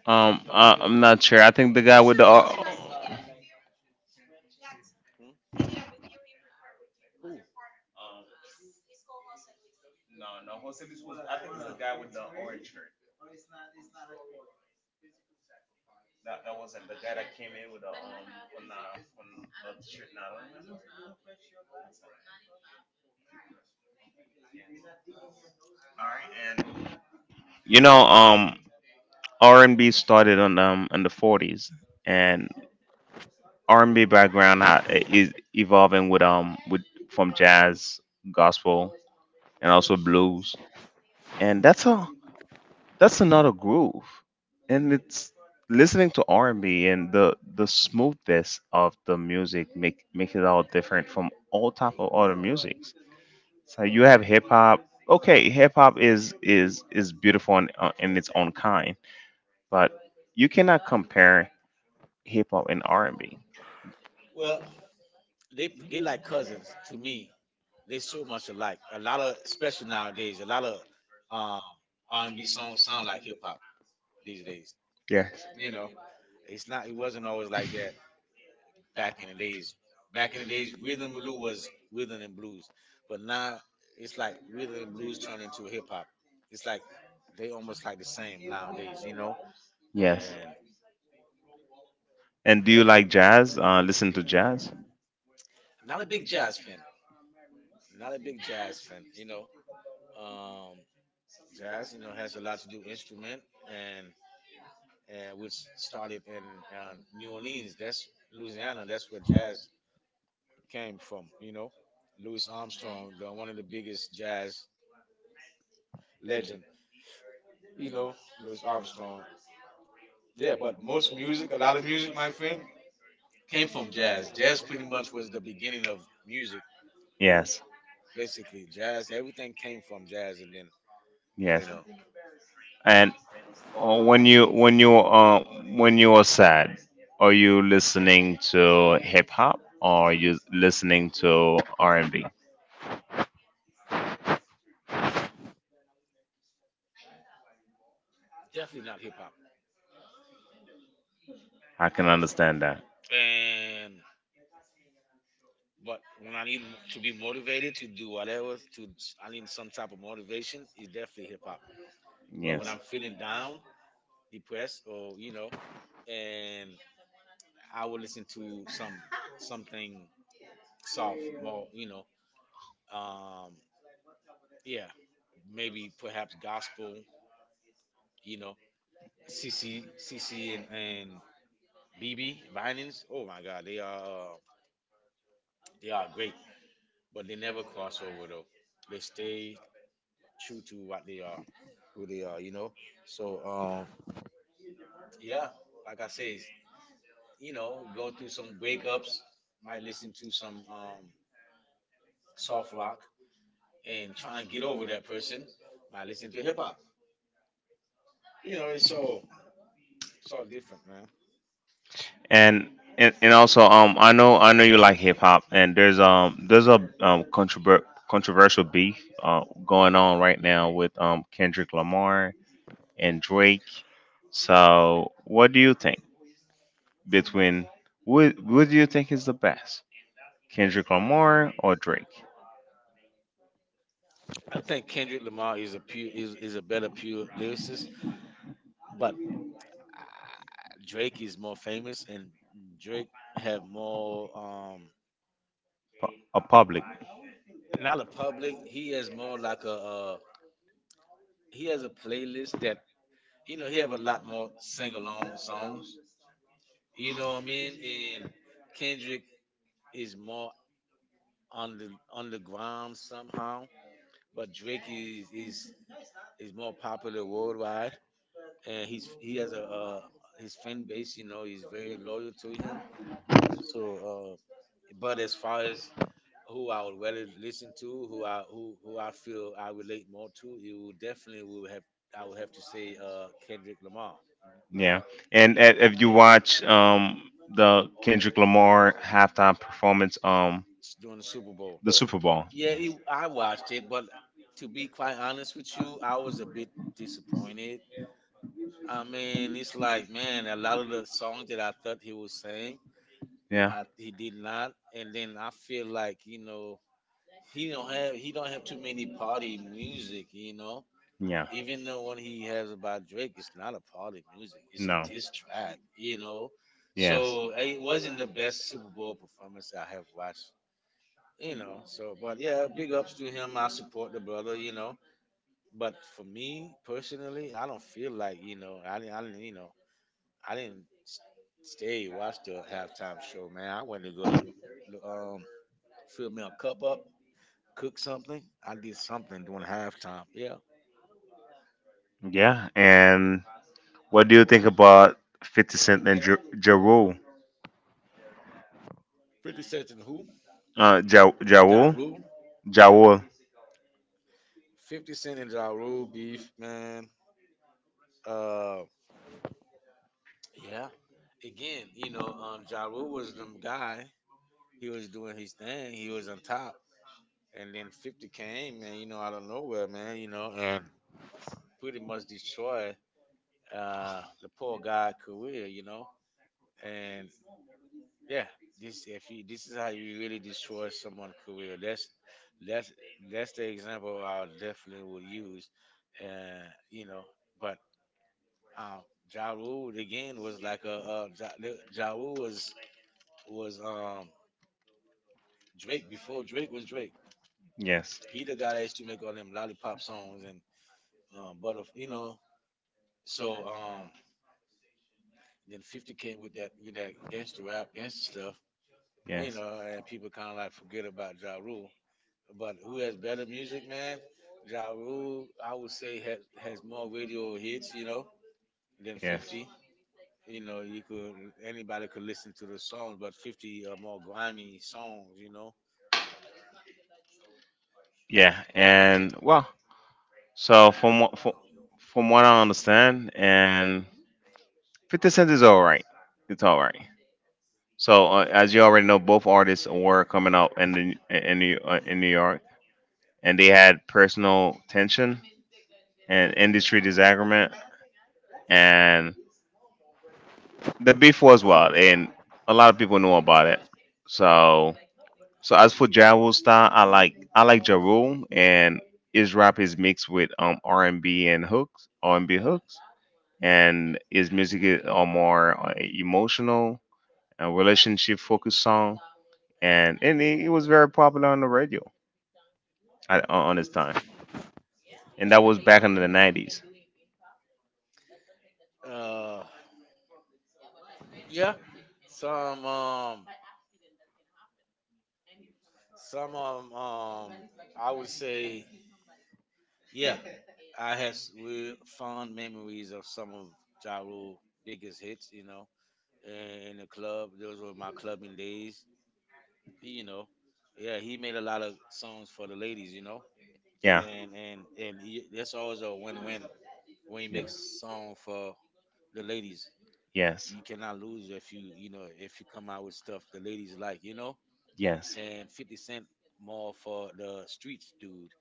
Speaker 1: I'm not sure. I think the guy.
Speaker 2: Hmm? Who?
Speaker 1: Um, no, no, Jose Luis was. I think it's
Speaker 2: No.
Speaker 1: the guy with the orange shirt. That wasn't the guy that came in with the on the on the shirt. Not on. All right, and you know, R&B started on in the 40s, and R&B background is evolving with from jazz, gospel, and also blues. And that's how that's another groove, and it's listening to r&b and B, and the smoothness of the music make it all different from all type of other musics. So you have hip-hop. Okay, hip-hop is beautiful in its own kind. But you cannot compare hip-hop and r&b.
Speaker 2: Well, they like cousins to me. They so much alike. A lot of, especially nowadays, a lot of um, R&B songs sound like hip hop these days.
Speaker 1: Yes.
Speaker 2: You know, it's not. It wasn't always like that back in the days. Back in the days, rhythm and blues was rhythm and blues, but now it's like rhythm and blues turned into hip hop. It's like they almost like the same nowadays. You know,
Speaker 1: Yes. And do
Speaker 2: and
Speaker 1: you
Speaker 2: yeah,
Speaker 1: like jazz, listen to jazz?
Speaker 2: I'm not a big jazz fan. You know, um, jazz, you know, has a lot to do instrument and which started in New Orleans. That's Louisiana. That's where jazz came from. You know, one of the biggest jazz legend. You know, Louis Armstrong. Yeah, but most music, a lot of music, my friend, came from jazz. Jazz pretty much was the beginning of music,
Speaker 1: Yes.
Speaker 2: basically. Jazz, everything came from jazz, and then
Speaker 1: Yes.
Speaker 2: you know,
Speaker 1: And or when you are sad, are you listening to hip hop, or are you listening to R&B?
Speaker 2: definitely not hip hop.
Speaker 1: I can understand that.
Speaker 2: And But when I need to be motivated to do whatever, to I need some type of motivation is definitely hip hop. But
Speaker 1: Yes.
Speaker 2: when I'm feeling down, depressed, or you know, and I will listen to some something soft, more you know, um, yeah, maybe perhaps gospel, you know, C C C C and, B B Vinings. Oh my God, they are great, but they never cross over though. They stay true to what they are, who they are, you know. So yeah, like I say, you know, going through some wake ups, might listen to some soft rock, and trying to get over that person, might listen to hip hop. You know, it's so it's all different, man.
Speaker 1: And, and also I know you like hip hop, and there's a controversial beef going on right now with Kendrick Lamar and Drake. So what do you think between what do you think is the best? Kendrick Lamar or Drake?
Speaker 2: I think Kendrick Lamar is a is a better pure lyricist, but Drake is more famous, and Drake have more
Speaker 1: A public,
Speaker 2: not a public. He has more like a he has a playlist that you know he have a lot more sing along songs. You know what I mean? And Kendrick is more on the ground somehow, but Drake is more popular worldwide, and he has a his fan base. You know, he's very loyal to him. So, but as far as who I would rather listen to, who I feel I relate more to, it would definitely would have I would have to say Kendrick Lamar.
Speaker 1: yeah. And if you watch the Kendrick Lamar halftime performance,
Speaker 2: Mhm. During the Super
Speaker 1: the
Speaker 2: Bowl.
Speaker 1: Super Bowl,
Speaker 2: Yeah, I watched it, but to be quite honest with you, I was a bit disappointed. I mean, it's like, man, a lot of the songs that I thought he was saying,
Speaker 1: yeah,
Speaker 2: he did not. And then I feel like, you know, he don't have too many party music, you know.
Speaker 1: yeah,
Speaker 2: Even though when he has about Drake, it's not a party music; it's a
Speaker 1: no, yes,
Speaker 2: diss track, you know.
Speaker 1: yeah.
Speaker 2: So eh, it wasn't the best Super Bowl performance I have watched, you know. So, but yeah, big ups to him. I support the brother, you know. But for me personally, I don't feel like you know I didn't you know I didn't s- stay watch the halftime show. Man, I went to go look, look fill me a cup up, cook something. I did something during halftime. Yeah,
Speaker 1: And what do you think about 50 Cent and Ja Rule?
Speaker 2: 50 Cent and who?
Speaker 1: Ja
Speaker 2: Ja
Speaker 1: Rule,
Speaker 2: Rule.
Speaker 1: Ja Rule,
Speaker 2: 50 Cent and Ja Rule beef, man. Uh, yeah. Again, you know, Ja Rule was them guy. He was doing his thing. He was on top. And then 50 came, man, you know, out of nowhere, man, you know, and pretty much destroy the poor guy career, you know. And yeah, this if you this is how you really destroy someone's career. That's that's the example I definitely would use. You know, but um, Ja Rule again was like a ja Rule was Drake before Drake was Drake.
Speaker 1: yes.
Speaker 2: He the guy that used to make all them lollipop songs and but you know, so then 50 came with that, you know, gangster rap, gangster stuff.
Speaker 1: Yes.
Speaker 2: You know, and people kind of like forget about Ja Rule. But who has better music, man? Ja Rule, I would say, has more radio hits, you know, than
Speaker 1: Yes.
Speaker 2: 50. You know, you could anybody could listen to the songs, but 50 are more grimy songs, you know.
Speaker 1: Yeah, and well, so from what I understand, and 50 Cent is all right. It's all right. So as you already know, both artists were coming out in New York, and they had personal tension and industry disagreement, and the beef was wild, and a lot of people knew about it. So. So as for Ja Rule style, I like Ja Rule, and his rap is mixed with R&B and hooks, R&B hooks, and his music is more emotional and relationship focused song, and it was very popular on the radio at, on its time, and that was back in the 90s.
Speaker 2: Uh, yeah, some um, some I would say, yeah, I have real fond memories of some of Ja Rule biggest hits, you know. In the club. Those were my clubbing days. You know, yeah, he made a lot of songs for the ladies. You know,
Speaker 1: Yeah.
Speaker 2: and that's always a win-win when you make song for the ladies.
Speaker 1: Yeah. Yes.
Speaker 2: You cannot lose if you know if you come out with stuff the ladies like. You know,
Speaker 1: Yes.
Speaker 2: and 50 Cent more for the streets dude.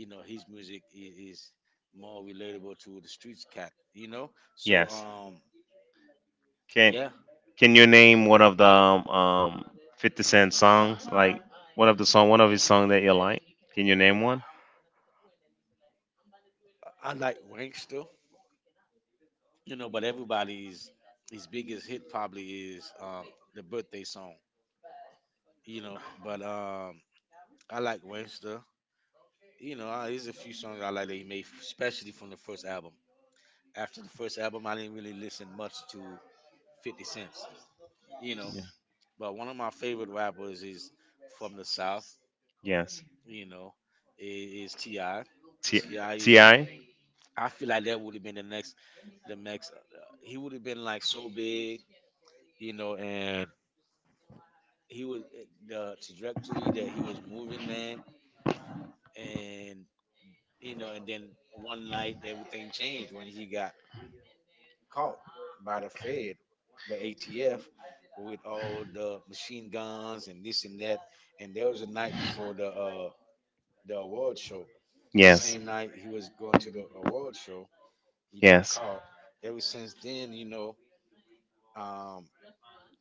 Speaker 2: You know, his music is more relatable to the streets cat. You know, so
Speaker 1: Yes.
Speaker 2: um
Speaker 1: Can
Speaker 2: yeah,
Speaker 1: Can you name one of the 50 Cent songs? Like one of the song, one of his song that you like? Can you name one?
Speaker 2: I like Wankster, you know, but everybody's his biggest hit probably is the birthday song, you know. But I like Wangsta. You know, there's a few songs I like that he made, especially from the first album. After the first album, I didn't really listen much to 50 Cent's, you know.
Speaker 1: Yeah.
Speaker 2: But one of my favorite rappers is from the South,
Speaker 1: Yes.
Speaker 2: you know, is T.I.
Speaker 1: T
Speaker 2: T.I.
Speaker 1: T
Speaker 2: is,
Speaker 1: I.
Speaker 2: I feel like that would have been the next, he would have been like so big, you know, and he was the trajectory that he was moving, man. And you know, and then one night everything changed when he got caught by the Fed, the ATF, with all the machine guns and this and that. And there was a night before the award show. The
Speaker 1: Yes.
Speaker 2: same night he was going to the award show, he got
Speaker 1: Yes.
Speaker 2: caught. Ever since then, you know, um,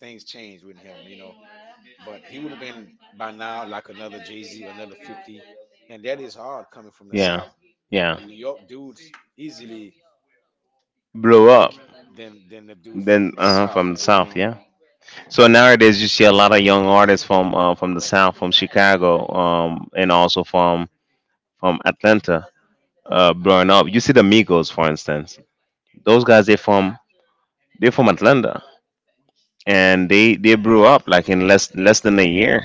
Speaker 2: things changed with him. You know, but he would have been by now like another Jay Z, another 50. And that is hard coming from the
Speaker 1: Yeah.
Speaker 2: South.
Speaker 1: Yeah.
Speaker 2: The New York dudes easily
Speaker 1: Blew up.
Speaker 2: make than the dude from
Speaker 1: Then
Speaker 2: the South,
Speaker 1: from the
Speaker 2: you
Speaker 1: south.
Speaker 2: know.
Speaker 1: Yeah. So nowadays you see a lot of young artists from the south, from Chicago, and also from Atlanta, blowing up. You see the Migos, for instance. Those guys, they from Atlanta, and they blew up like in less than a year.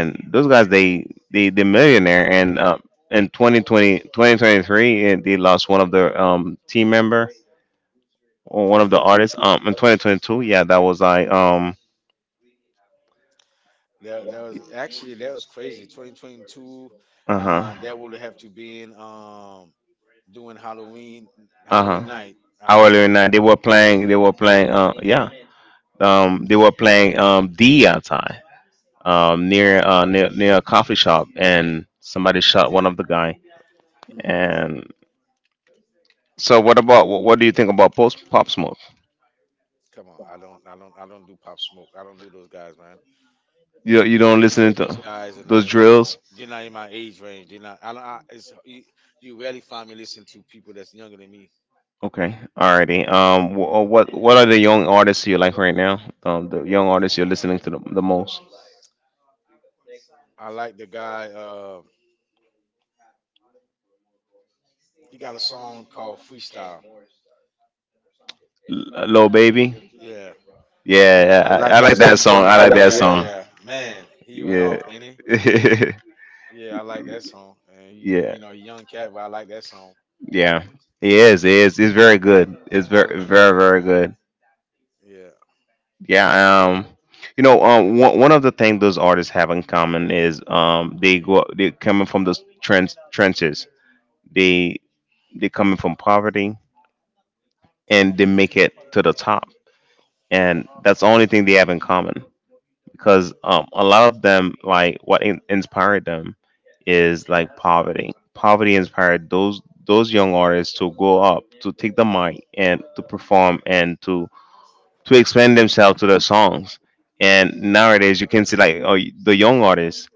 Speaker 2: In
Speaker 1: those guys, they millionaire. And in twenty twenty twenty twenty three, 2023 they lost one of their team member, or one of the
Speaker 2: 2022.
Speaker 1: artists in 2022. Yeah, that was like
Speaker 2: That, was actually that was crazy. 2022,
Speaker 1: uh-huh
Speaker 2: that would have to be in doing Halloween,
Speaker 1: uh-huh
Speaker 2: Halloween
Speaker 1: hourly
Speaker 2: night.
Speaker 1: night. They were playing, yeah, they were playing D outside, near near a coffee shop, and somebody shot one of the guy.
Speaker 2: hmm
Speaker 1: And so what about what do you think about post Pop Smoke?
Speaker 2: Come on, I don't I don't do pop smoke. I don't do those guys, man.
Speaker 1: You don't
Speaker 2: Those
Speaker 1: listen to
Speaker 2: those guys are
Speaker 1: those
Speaker 2: not in my,
Speaker 1: drills?
Speaker 2: they're not in my age range. They're not. I, don't- I it's you rarely find me listening to people that's younger than me.
Speaker 1: Okay, alrighty. What are the young artists you like right now? The young artists you're listening to the most?
Speaker 2: I like the guy. He got a song called Freestyle.
Speaker 1: Lil Baby.
Speaker 2: Yeah, I
Speaker 1: Yeah,
Speaker 2: like
Speaker 1: I like
Speaker 2: that
Speaker 1: that
Speaker 2: song.
Speaker 1: song.
Speaker 2: I
Speaker 1: I
Speaker 2: like,
Speaker 1: like that
Speaker 2: yeah,
Speaker 1: song.
Speaker 2: yeah, man. He went
Speaker 1: Yeah,
Speaker 2: off, didn't he?
Speaker 1: <laughs>
Speaker 2: Yeah, I like that song. And he,
Speaker 1: yeah,
Speaker 2: you know, he young cat, but I like that song.
Speaker 1: yeah. He is. He is. He's very good. It's
Speaker 2: I
Speaker 1: very very very good.
Speaker 2: yeah. I,
Speaker 1: Yeah, you know, one of the things those artists have in common is they're coming from those trens trenches. They they're coming from poverty, and they make it to the top, and that's the only thing they have in common. Because a lot of them, like inspired them, is like poverty. Poverty inspired those young artists to go up, to take the mic, and to perform, and to. To explain themselves to their songs. And nowadays, you can see like oh, the young artists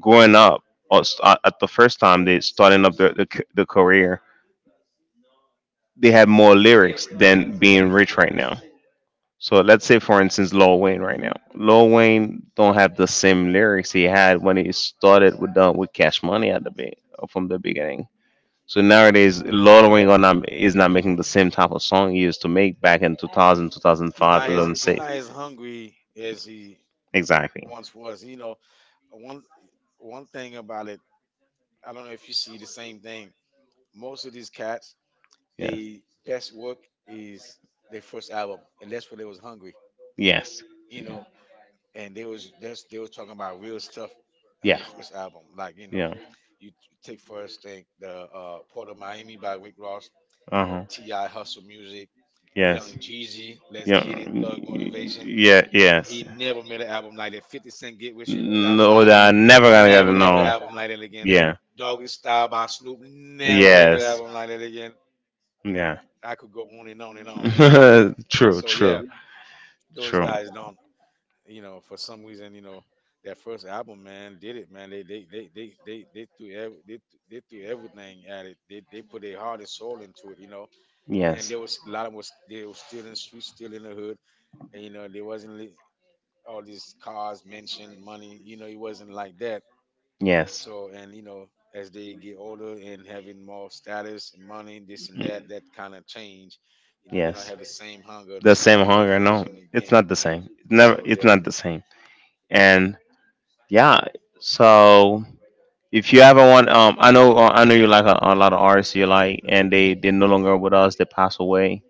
Speaker 1: growing up, or at the first time they starting up the career. They have more lyrics than being rich right now. So let's say, for instance, Lil Wayne right now. Lil Wayne don't have the same lyrics he had when he started with Cash Money at from the beginning. So nowadays, Lil Wayne are not, is not making the same type of song he used to make back in two thousand, two thousand
Speaker 2: he's not as, he's
Speaker 1: 2006.
Speaker 2: not as hungry as he
Speaker 1: Exactly.
Speaker 2: once was. You know, one, one thing about it, I don't know if you see the same thing. Most of these cats, they best work is their first album, and that's when they was hungry,
Speaker 1: Yes.
Speaker 2: you know. And they was, that's they was talking about real stuff on
Speaker 1: Yeah.
Speaker 2: their first album, like you
Speaker 1: Yeah.
Speaker 2: know,
Speaker 1: There.
Speaker 2: you take first thing the Port of Miami by Rick Ross,
Speaker 1: Uh huh.
Speaker 2: T.I. Hustle Music,
Speaker 1: Yes.
Speaker 2: Young Jeezy, Let's Get It, Thug Motivation.
Speaker 1: Yeah.
Speaker 2: He
Speaker 1: Yes.
Speaker 2: never made an album like that. 50 Cent, Get Rich or Die Trying,
Speaker 1: That I never gonna
Speaker 2: never make an
Speaker 1: know.
Speaker 2: album like that again.
Speaker 1: Yeah.
Speaker 2: Doggy Style by Snoop, never make an
Speaker 1: Yes.
Speaker 2: album like that again.
Speaker 1: That. Yeah.
Speaker 2: I could go on and on and on. You know.
Speaker 1: <laughs> <laughs> true.
Speaker 2: So yeah, those
Speaker 1: Those
Speaker 2: guys don't, you know, for some reason, you know, that first album, man, did it, man. They threw ev- they threw everything at it. They put their heart and soul into it, you know.
Speaker 1: and
Speaker 2: And there was a lot of 'em was they were still in the streets, still in the hood, and you know there wasn't all these cars, mention, money, you know, it wasn't like that.
Speaker 1: yes.
Speaker 2: So and you know as they get older and having more status and money, this and that, that kind of change. You know, they don't
Speaker 1: Yes.
Speaker 2: have the same hunger, the
Speaker 1: The same
Speaker 2: same
Speaker 1: hunger. No,
Speaker 2: motivation
Speaker 1: it's
Speaker 2: again.
Speaker 1: not the same. Never.
Speaker 2: So
Speaker 1: It's
Speaker 2: yeah.
Speaker 1: not the same. And yeah. So if you ever want, I know, you like a lot of artists you like, and they they're no longer with us. They passed away.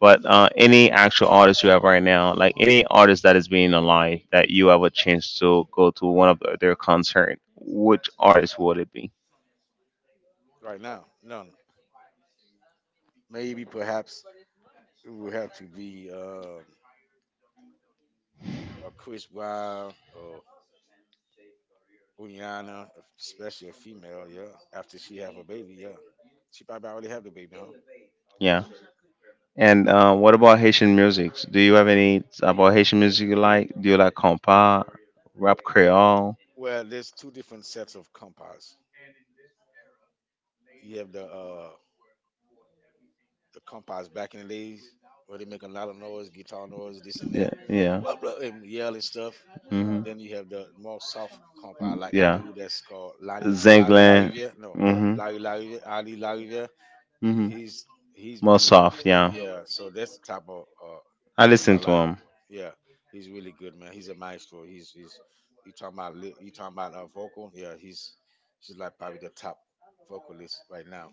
Speaker 1: But any actual artist you have right now, like any artist that is being alive that you have a chance to go to one of their concert, which artist would it be?
Speaker 2: Right now, none. Maybe perhaps it would have to be a Chris Brown or Rihanna, especially a female. Yeah, after she have a baby. Yeah, she probably already have the baby, huh?
Speaker 1: Yeah. And what about Haitian music? Do you have any about Haitian music you like? Do you like compa, rap Creole?
Speaker 2: Well, there's two different sets of compas. You have the compas back in the days where they make a lot of noise, guitar noise, this and that,
Speaker 1: Yeah, yeah.
Speaker 2: blah blah, and yell and stuff.
Speaker 1: Hmm.
Speaker 2: Then you have the more soft compa, like the
Speaker 1: Yeah.
Speaker 2: dude that's called
Speaker 1: Zenglan.
Speaker 2: Larry. Yeah. No,
Speaker 1: Mm-hmm.
Speaker 2: Larry Larry Ali Larry, yeah.
Speaker 1: Mm-hmm.
Speaker 2: he's he's
Speaker 1: More
Speaker 2: music.
Speaker 1: soft, yeah.
Speaker 2: Yeah, so that's the type of
Speaker 1: I
Speaker 2: music
Speaker 1: listen
Speaker 2: I
Speaker 1: to
Speaker 2: like.
Speaker 1: him.
Speaker 2: Yeah, he's really good, man. He's a maestro. He's you talking about you talking about vocal? Yeah, he's like probably the top vocalist right now.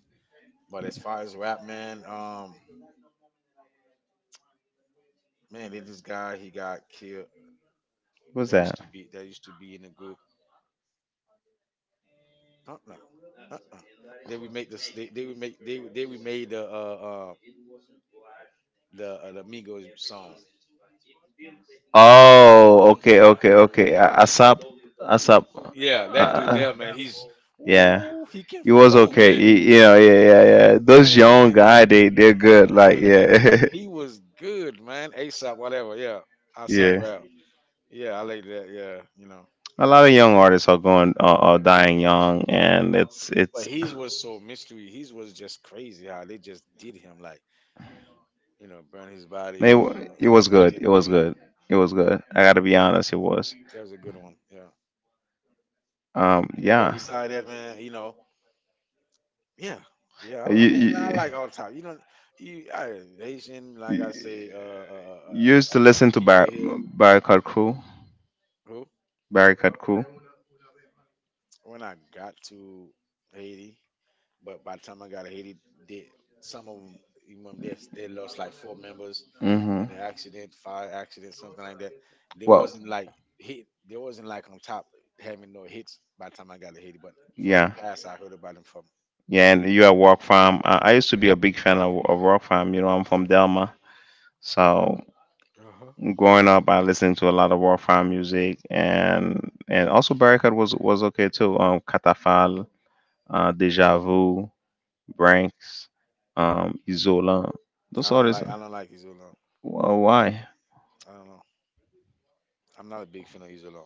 Speaker 2: But as far as rap, man, man, there's this guy, he got killed.
Speaker 1: What's that?
Speaker 2: That used to be in the group. Uh-uh, uh-uh. They remade this. They remade the Migos song.
Speaker 1: Oh, okay, okay, okay. ASAP, ASAP.
Speaker 2: Yeah, that dude
Speaker 1: Uh,
Speaker 2: there, man. He's,
Speaker 1: yeah.
Speaker 2: ooh, he can
Speaker 1: He was
Speaker 2: flow,
Speaker 1: okay.
Speaker 2: man.
Speaker 1: He, you know, yeah, yeah, yeah. Those young
Speaker 2: Man,
Speaker 1: guy, they they're good. Like,
Speaker 2: man.
Speaker 1: yeah,
Speaker 2: He was good, man. ASAP, whatever. Yeah,
Speaker 1: <laughs>
Speaker 2: ASAP.
Speaker 1: yeah.
Speaker 2: Yeah, yeah. I like that. Yeah, you know.
Speaker 1: A lot of young artists are going, are dying young, and
Speaker 2: But
Speaker 1: it's
Speaker 2: his was so mystery. His was just crazy how they just did him, like you know, burn his
Speaker 1: they
Speaker 2: body.
Speaker 1: it
Speaker 2: It,
Speaker 1: was good.
Speaker 2: did.
Speaker 1: It was
Speaker 2: Yeah,
Speaker 1: good. It was good. I gotta be honest, it was.
Speaker 2: that was a good one. Yeah, yeah. But
Speaker 1: Yeah.
Speaker 2: beside that, man, you know, yeah, yeah. I
Speaker 1: You,
Speaker 2: mean,
Speaker 1: you,
Speaker 2: I like all type. You know, you I, Haitian, like
Speaker 1: you
Speaker 2: I say,
Speaker 1: you used to listen to
Speaker 2: people here
Speaker 1: Barricade Crew.
Speaker 2: who.
Speaker 1: Barricade Crew.
Speaker 2: When I got to Haiti, but by the time I got to Haiti, they, some of them, even them, they lost like four members
Speaker 1: Mm-hmm.
Speaker 2: in an accident, fire accident, something like that. They
Speaker 1: Well,
Speaker 2: wasn't like hit. They wasn't like on top having no hits by the time I got to Haiti. But from the
Speaker 1: yeah.
Speaker 2: past, I heard about them from.
Speaker 1: Yeah, and you at Rock Farm. I used to be a big fan of Rock Farm. You know, I'm from Delma, so
Speaker 2: Uh-huh.
Speaker 1: growing up, I listened to a lot of Rock Farm music, and also Barricade was okay too.
Speaker 2: Mhm.
Speaker 1: Catafal, Deja Vu, Branks, Isola. Those artists.
Speaker 2: I don't like Isola.
Speaker 1: Well, why?
Speaker 2: I don't know. I'm not a big fan of Isola.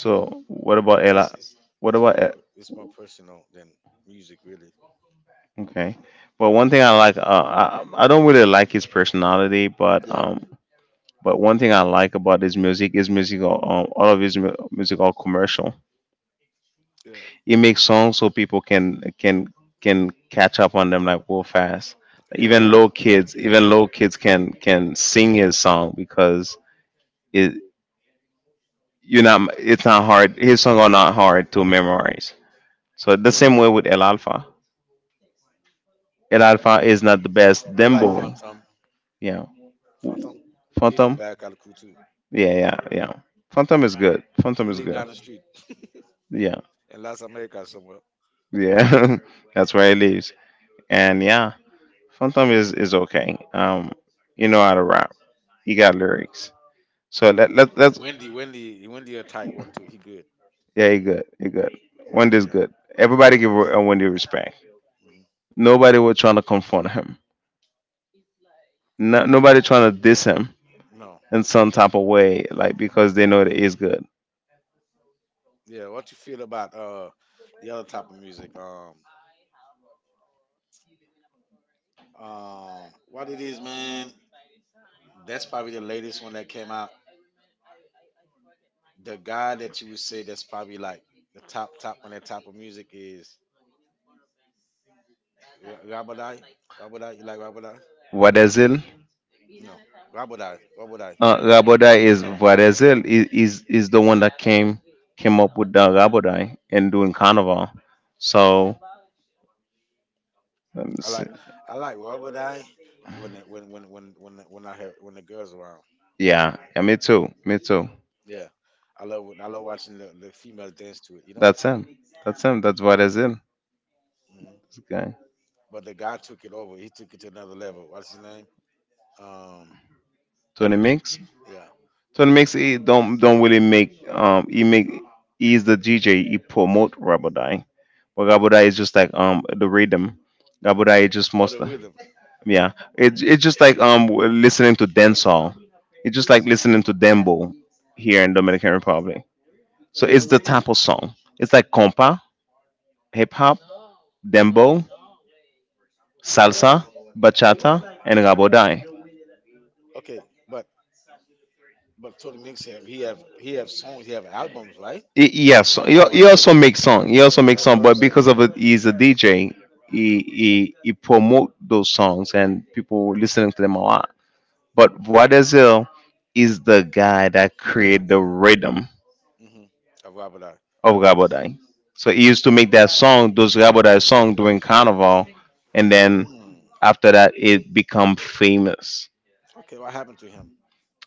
Speaker 2: You know,
Speaker 1: what about
Speaker 2: it's,
Speaker 1: Ella?
Speaker 2: it's,
Speaker 1: What
Speaker 2: it's more
Speaker 1: about
Speaker 2: it's more personal than music, really.
Speaker 1: okay? Well, one thing I like, I don't really like his personality, but
Speaker 2: Yeah.
Speaker 1: but one thing I like about his music is music. Are, all of his music are commercial.
Speaker 2: Yeah.
Speaker 1: He makes songs so people can catch up on them like real fast.
Speaker 2: Yeah.
Speaker 1: Even yeah, low kids, even low kids can sing his song because it you're not. It's not hard. His songs are not hard to memorize. So
Speaker 2: Mhm.
Speaker 1: the same way with El Alfa. El Alfa is not the best
Speaker 2: I like
Speaker 1: Dembo.
Speaker 2: Phantom.
Speaker 1: Yeah,
Speaker 2: Phantom. He from
Speaker 1: Phantom.
Speaker 2: Bacalcou too.
Speaker 1: Yeah, yeah, yeah. Phantom is good. Phantom
Speaker 2: He
Speaker 1: is
Speaker 2: live
Speaker 1: good.
Speaker 2: down the street
Speaker 1: Yeah,
Speaker 2: in Las Americas somewhere.
Speaker 1: yeah. <laughs> That's where it lives. And yeah, Phantom is okay. You know how to rap. He got lyrics. So let's
Speaker 2: Wendy a tight one too. He good.
Speaker 1: yeah, you good, you good.
Speaker 2: Wendy,
Speaker 1: Wendy's
Speaker 2: yeah.
Speaker 1: good. Everybody give Wendy respect.
Speaker 2: Mhm.
Speaker 1: Nobody was trying to confront him. No, nobody trying to diss him
Speaker 2: No,
Speaker 1: in some type of way, like because they know that he's good.
Speaker 2: yeah. What you feel about the other type of music? What it is, man? That's probably the latest one that came out. The guy that you would say that's probably like the top top on that type of music is Rabadai. Rabadai, you like Rabadai?
Speaker 1: Vadezil,
Speaker 2: No, Rabadai. Rabadai.
Speaker 1: Rabodai is Vadezil is the one that came up with the Rabodai and doing
Speaker 2: Uh,
Speaker 1: carnival. So let me
Speaker 2: I
Speaker 1: see.
Speaker 2: like, I like rubber die when the, when the- when I have when the girls
Speaker 1: Around.
Speaker 2: around.
Speaker 1: Yeah, yeah, me too, me too.
Speaker 2: Yeah, I love, I love watching the females dance to it. You know.
Speaker 1: That's him. That's him. That's what is him.
Speaker 2: hmm
Speaker 1: This guy,
Speaker 2: But the guy took it over. He took it to another level. What's his name? Um.
Speaker 1: Tony Mix.
Speaker 2: Yeah.
Speaker 1: Tony Mix, he don't really make. He make. He's the DJ. He promote Rabadai, but Rabadai is just like the rhythm. Rabadai is just
Speaker 2: Oh,
Speaker 1: most.
Speaker 2: the rhythm.
Speaker 1: Yeah, it's just like listening to dancehall. It's just like listening to dembo here in Dominican Republic. So it's the type of song. It's like compa, hip hop, Dembo,
Speaker 2: Mhm.
Speaker 1: salsa, bachata, and rabodai.
Speaker 2: Okay, but but Tony Mix have he have songs. He have albums, right?
Speaker 1: Yes,
Speaker 2: Of
Speaker 1: he,
Speaker 2: rubber
Speaker 1: he
Speaker 2: die.
Speaker 1: also makes song. He also makes
Speaker 2: That's
Speaker 1: song,
Speaker 2: what I'm
Speaker 1: but because
Speaker 2: saying.
Speaker 1: of it, he's a DJ. He promote those songs and people listening to them a lot. But Voadezel is the guy that created the rhythm
Speaker 2: Mm-hmm. Of rubber die.
Speaker 1: of Rabodai. So he used to make that song, those Rabodai song during Carnival, and then
Speaker 2: Hmm.
Speaker 1: after that it become famous.
Speaker 2: Okay, what happened to him?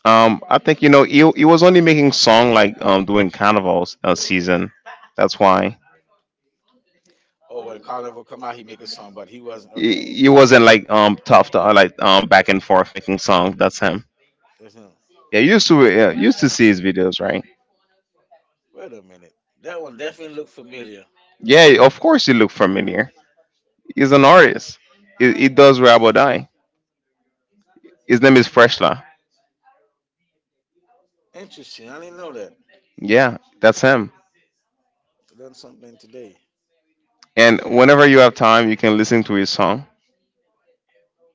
Speaker 1: I think he was only making song like during carnival season. That's why
Speaker 2: Oh, when Carnival come out, he make a song, but he wasn't okay.
Speaker 1: he wasn't like tough to like back and forth making songs. That's him.
Speaker 2: That's him.
Speaker 1: Yeah, you used to yeah, you used to see his videos, right?
Speaker 2: Wait a minute. That one definitely looked familiar.
Speaker 1: Yeah, of course he look familiar. He's an artist. He does rap or die. His name is Freshla.
Speaker 2: Interesting. I didn't know that.
Speaker 1: Yeah, that's him.
Speaker 2: Learned something today.
Speaker 1: And whenever you have time, you can listen to his song.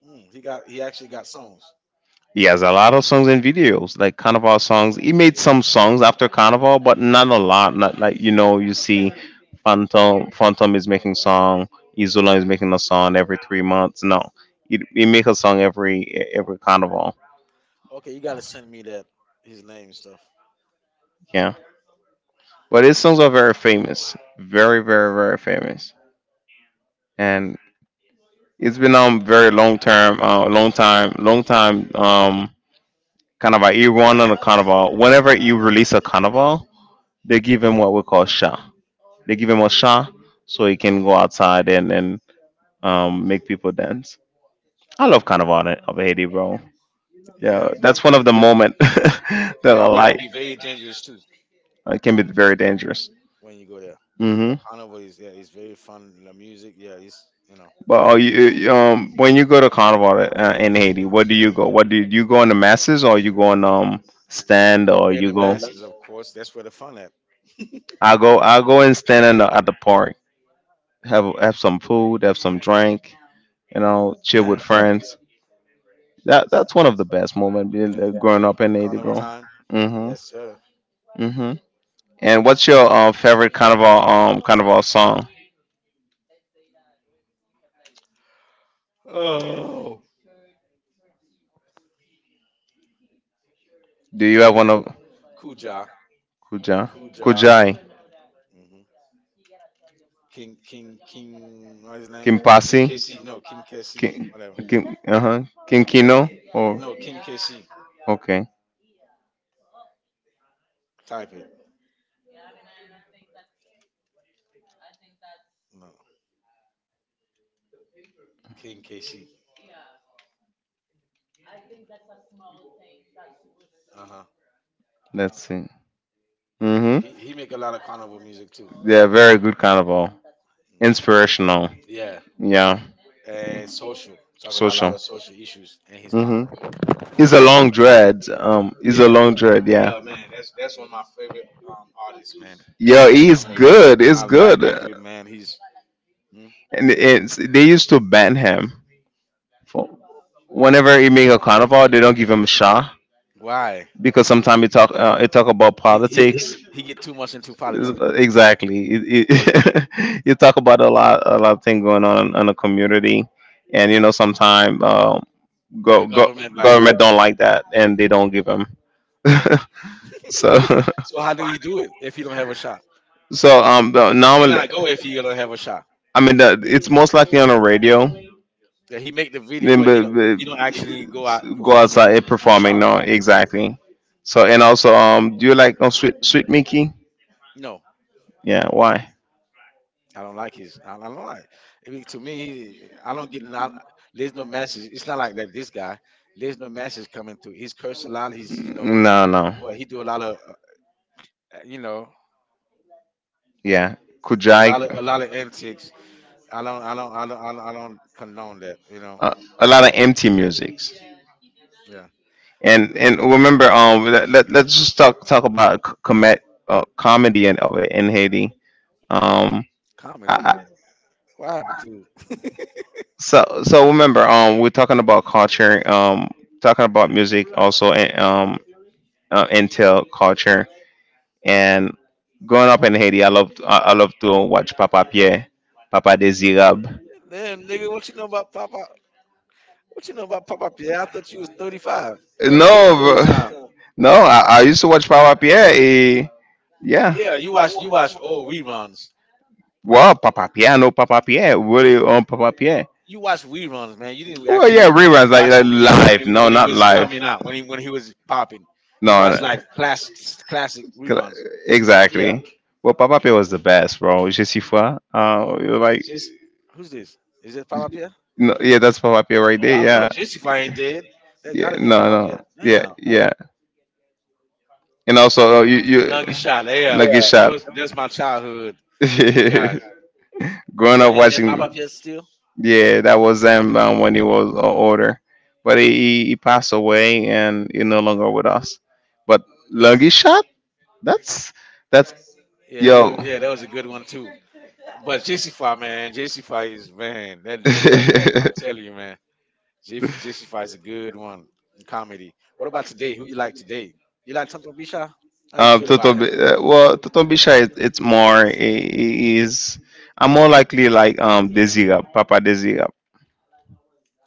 Speaker 2: Mm, He actually got songs.
Speaker 1: He has a lot of songs and videos, like Carnival songs. He made some songs after Carnival, but not a lot. Not like
Speaker 2: Mm.
Speaker 1: you see, Phantom is making song, Isola is making a song every 3 months. No, he make a song every Carnival.
Speaker 2: Okay, you gotta send me that his name and stuff.
Speaker 1: Yeah, but his songs are very famous, very very very famous, and it's been very long term, long time Carnival. He run on a Carnival. Whenever you release a Carnival, they give him what we call sha. They give him a shot so he can
Speaker 2: Mm.
Speaker 1: go outside and make people dance. I love Carnival in- of Haiti, bro. Yeah, that's one
Speaker 2: Yeah,
Speaker 1: of the moment <laughs> that
Speaker 2: yeah,
Speaker 1: I
Speaker 2: but it
Speaker 1: like.
Speaker 2: could be very dangerous too
Speaker 1: It can be very dangerous.
Speaker 2: when you go there.
Speaker 1: hmm
Speaker 2: But carnival is yeah, it's very fun. The music, yeah, it's you know,
Speaker 1: But are you, when you go to Carnival in Haiti, what do you go? What do you go in the masses or you go in stand or
Speaker 2: and
Speaker 1: you
Speaker 2: the
Speaker 1: go?
Speaker 2: masses, of course. That's where the fun at,
Speaker 1: I go and stand in the, at the park, have some food, have some drink, you know, chill with
Speaker 2: man.
Speaker 1: friends. That's one of the best moments
Speaker 2: Yeah,
Speaker 1: growing up in Haiti,
Speaker 2: carnival
Speaker 1: bro.
Speaker 2: time.
Speaker 1: Mhm.
Speaker 2: Yes, sir.
Speaker 1: Mhm. And what's your favorite carnival carnival song?
Speaker 2: Oh,
Speaker 1: Do you have
Speaker 2: Ku-
Speaker 1: one of
Speaker 2: Kuja,
Speaker 1: Kuja?
Speaker 2: Kuja.
Speaker 1: Kujai.
Speaker 2: King what's his name?
Speaker 1: Kim Pasi?
Speaker 2: King KC. No, King KC.
Speaker 1: Kim
Speaker 2: Whatever.
Speaker 1: Kim uh huh. Kim Kino or
Speaker 2: No, King KC.
Speaker 1: okay.
Speaker 2: Type it. No, King KC. Uh huh.
Speaker 1: Let's see. Mhm.
Speaker 2: He make a lot of carnival music too.
Speaker 1: Yeah, very good carnival.
Speaker 2: Mhm.
Speaker 1: Inspirational.
Speaker 2: Yeah.
Speaker 1: Yeah.
Speaker 2: And social. Talk about a lot
Speaker 1: Social.
Speaker 2: of social issues and his
Speaker 1: Mhm.
Speaker 2: carnival.
Speaker 1: It's a long dread. It's a Yeah. long dread. Yeah.
Speaker 2: Yeah, man. That's one of my favorite artists, man.
Speaker 1: Yo,
Speaker 2: Coming
Speaker 1: he's
Speaker 2: from Haiti.
Speaker 1: good. It's
Speaker 2: I like
Speaker 1: good.
Speaker 2: that dude, man. He's, hmm?
Speaker 1: And it's, they used to ban him for whenever he make a carnival. They don't give him a shot
Speaker 2: Why,
Speaker 1: because sometimes he talk about
Speaker 2: he he
Speaker 1: politics.
Speaker 2: he
Speaker 1: <laughs>
Speaker 2: get too much into politics.
Speaker 1: Exactly. <laughs> You talk about a lot of things going on in the community, and you know sometimes go,
Speaker 2: The
Speaker 1: go government
Speaker 2: government
Speaker 1: like
Speaker 2: like.
Speaker 1: government don't like that and they don't give him. <laughs> so <laughs>
Speaker 2: Well, how do he do it if he don't have a shot?
Speaker 1: You
Speaker 2: He
Speaker 1: normally,
Speaker 2: cannot go if he
Speaker 1: cannot
Speaker 2: don't have a shop.
Speaker 1: I mean, it's most likely on the radio. You
Speaker 2: Yeah, he make the video,
Speaker 1: Then,
Speaker 2: but
Speaker 1: but
Speaker 2: he don't actually go out and
Speaker 1: go
Speaker 2: perform it
Speaker 1: outside
Speaker 2: in
Speaker 1: and
Speaker 2: the
Speaker 1: performing. Shop.
Speaker 2: shop.
Speaker 1: No, performing. Exactly. So and also, do you like sweet Mickey?
Speaker 2: No,
Speaker 1: Yeah. Why?
Speaker 2: I don't like his. I don't like. I mean, to me, I don't get not. There's no message. It's not like, like this guy. There's no message coming through. He's cursed a lot. He's you know,
Speaker 1: No, no.
Speaker 2: well, he do a lot of you know,
Speaker 1: Yeah. a
Speaker 2: a
Speaker 1: Kujai.
Speaker 2: lot of, a lot of antics. I don't condone that. You know,
Speaker 1: Uh, a lot of empty musics.
Speaker 2: yeah,
Speaker 1: And remember, let's just talk about comet, comedy and of it in Haiti. Um,
Speaker 2: comedy.
Speaker 1: I,
Speaker 2: What happened to?
Speaker 1: so remember, we're talking about culture, talking about music also, and intel culture. And growing up in Haiti, I love to watch Papa Pierre, Papa Desirab.
Speaker 2: <laughs> Damn nigga, what you know about Papa? What you know about Pop Up? Yeah, I thought you was 35. That was way
Speaker 1: No,
Speaker 2: before your time.
Speaker 1: bro. <laughs> no, I used to watch Papa Pierre.
Speaker 2: You,
Speaker 1: Eh, yeah.
Speaker 2: yeah, you watch old reruns.
Speaker 1: Wow, Papa Pierre, I know Papa Pierre. Really, Papa Pierre.
Speaker 2: You watch reruns, man. You didn't
Speaker 1: Well, yeah,
Speaker 2: actually
Speaker 1: reruns
Speaker 2: watch
Speaker 1: like
Speaker 2: it when
Speaker 1: live. No,
Speaker 2: when he
Speaker 1: not
Speaker 2: was
Speaker 1: live.
Speaker 2: coming out, when he was popping. You
Speaker 1: No,
Speaker 2: watch like
Speaker 1: It's no,
Speaker 2: classic
Speaker 1: cl- yeah,
Speaker 2: reruns. Yeah.
Speaker 1: exactly. Well, Papa Pio was the best, bro. Je suis foi. You're like,
Speaker 2: This who's this? Is it Pop Up here?
Speaker 1: no, yeah, that's Papa Pio right
Speaker 2: Oh,
Speaker 1: there.
Speaker 2: I don't
Speaker 1: Yeah,
Speaker 2: know. This if I ain't dead. That
Speaker 1: yeah,
Speaker 2: gotta be
Speaker 1: no,
Speaker 2: Pop Up here.
Speaker 1: no, yeah,
Speaker 2: Damn.
Speaker 1: yeah, yeah. And also,
Speaker 2: Longest shot. Yeah.
Speaker 1: Nugget
Speaker 2: That
Speaker 1: Shop.
Speaker 2: was, that's my childhood
Speaker 1: Those
Speaker 2: guys.
Speaker 1: <laughs> Growing
Speaker 2: Yeah,
Speaker 1: up
Speaker 2: is that
Speaker 1: watching,
Speaker 2: Pop Up here still?
Speaker 1: yeah, that was him when he was older, but he passed away and he no longer with us. But Lucky Shot. That's that's
Speaker 2: Yeah,
Speaker 1: yo.
Speaker 2: yeah, that was a good one too. But jc man, jc is man, that dude there, man. I'm telling you,
Speaker 1: <laughs>
Speaker 2: man, JC5 is a good one in comedy. What about today? Who you like today? You like Tonton Bisha?
Speaker 1: <laughs>
Speaker 2: How you
Speaker 1: um,
Speaker 2: feel about
Speaker 1: Toton,
Speaker 2: him?
Speaker 1: him? Well, Toton Bisha is it's more I- is I'm more likely like Desirab, Papa Desirab,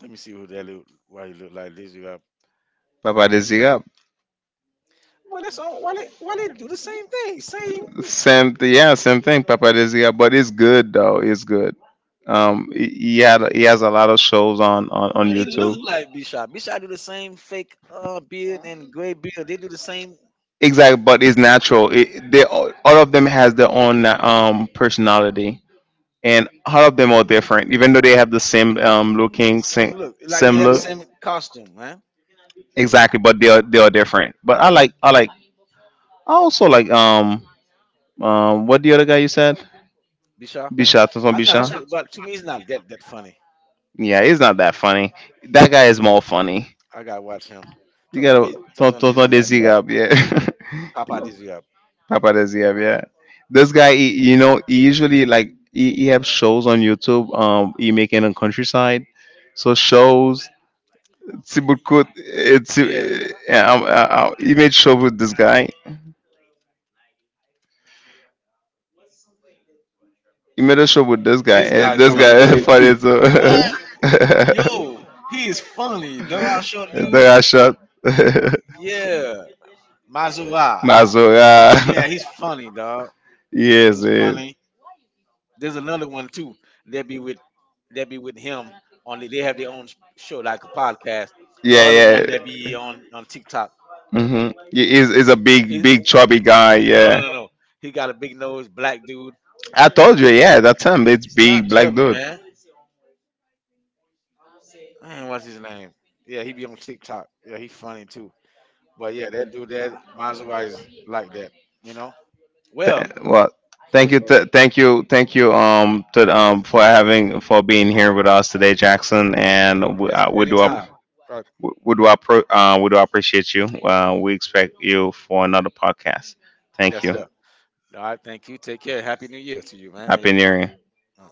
Speaker 2: Let me see who that look. Why he look like this? You have.
Speaker 1: Papa Desirab.
Speaker 2: Well, that's on. Why they do the same thing? Same.
Speaker 1: Same, yeah, same thing, Papa Desirab. But it's good though, it's good. He has a lot of shows on
Speaker 2: But he
Speaker 1: YouTube.
Speaker 2: look like Bisha. Bisha do the same fake beard and gray beard. They do the same
Speaker 1: Exactly but it's natural they all of them has their own personality and all of them are different even though they have the same looking
Speaker 2: same
Speaker 1: same,
Speaker 2: look. Like they
Speaker 1: same
Speaker 2: have the same costume, man.
Speaker 1: exactly but they are different but I like I also like what the other guy you said
Speaker 2: Bisha.
Speaker 1: bisha Tonton
Speaker 2: I'm not
Speaker 1: bisha
Speaker 2: too. But to me, he's not that that funny.
Speaker 1: yeah it's not that funny that guy is more funny
Speaker 2: I gotta watch him.
Speaker 1: you gotta
Speaker 2: Tonton
Speaker 1: Tonton
Speaker 2: Dizzy up.
Speaker 1: Desi up yeah <laughs>
Speaker 2: Papa Dizzy up.
Speaker 1: Paparazzi, yeah. This guy, he, you know, he usually like he have shows on YouTube. He making a countryside, so shows. Sibukut, it's
Speaker 2: Yeah,
Speaker 1: yeah. I, he made show with this guy. He made a show with this guy,
Speaker 2: this
Speaker 1: and
Speaker 2: guy's
Speaker 1: this funny,
Speaker 2: funny
Speaker 1: guy
Speaker 2: too.
Speaker 1: <laughs>
Speaker 2: What?
Speaker 1: funny too.
Speaker 2: Yo,
Speaker 1: <laughs>
Speaker 2: he is funny. Dog out short
Speaker 1: the
Speaker 2: dude.
Speaker 1: guy shot <laughs>
Speaker 2: Yeah, Mazura.
Speaker 1: Mazura. <laughs>
Speaker 2: Yeah, he's funny, dog.
Speaker 1: <laughs> yes,
Speaker 2: He's
Speaker 1: He's yes.
Speaker 2: funny. There's another one too. They be with they be with him. Only they have their own show, like a podcast. The
Speaker 1: Yeah,
Speaker 2: other one that be
Speaker 1: Yeah.
Speaker 2: on TikTok.
Speaker 1: Mm-hmm. Is a big,
Speaker 2: He-
Speaker 1: big chubby guy. Yeah.
Speaker 2: no. He got a big nose, black dude.
Speaker 1: I told you. Yeah, that's him. It's
Speaker 2: Not
Speaker 1: big black
Speaker 2: Dubby,
Speaker 1: dude.
Speaker 2: man. Man, what's his name? Yeah, he be on TikTok. Yeah, he funny too. But yeah, that dude that Mazawa is like that, you know? Well,
Speaker 1: Well,
Speaker 2: so
Speaker 1: thank
Speaker 2: it's-
Speaker 1: you, thank you, thank you, to for having for being here with us today, Jackson. And
Speaker 2: yes,
Speaker 1: we do
Speaker 2: anytime.
Speaker 1: up.
Speaker 2: Right.
Speaker 1: We do, we do appreciate you. We expect you for another podcast. Thank
Speaker 2: Yes,
Speaker 1: you.
Speaker 2: sir. All right, thank you. Take care. Happy New Year to you, man, and
Speaker 1: Happy
Speaker 2: your
Speaker 1: New
Speaker 2: family.
Speaker 1: Year.
Speaker 2: Uh,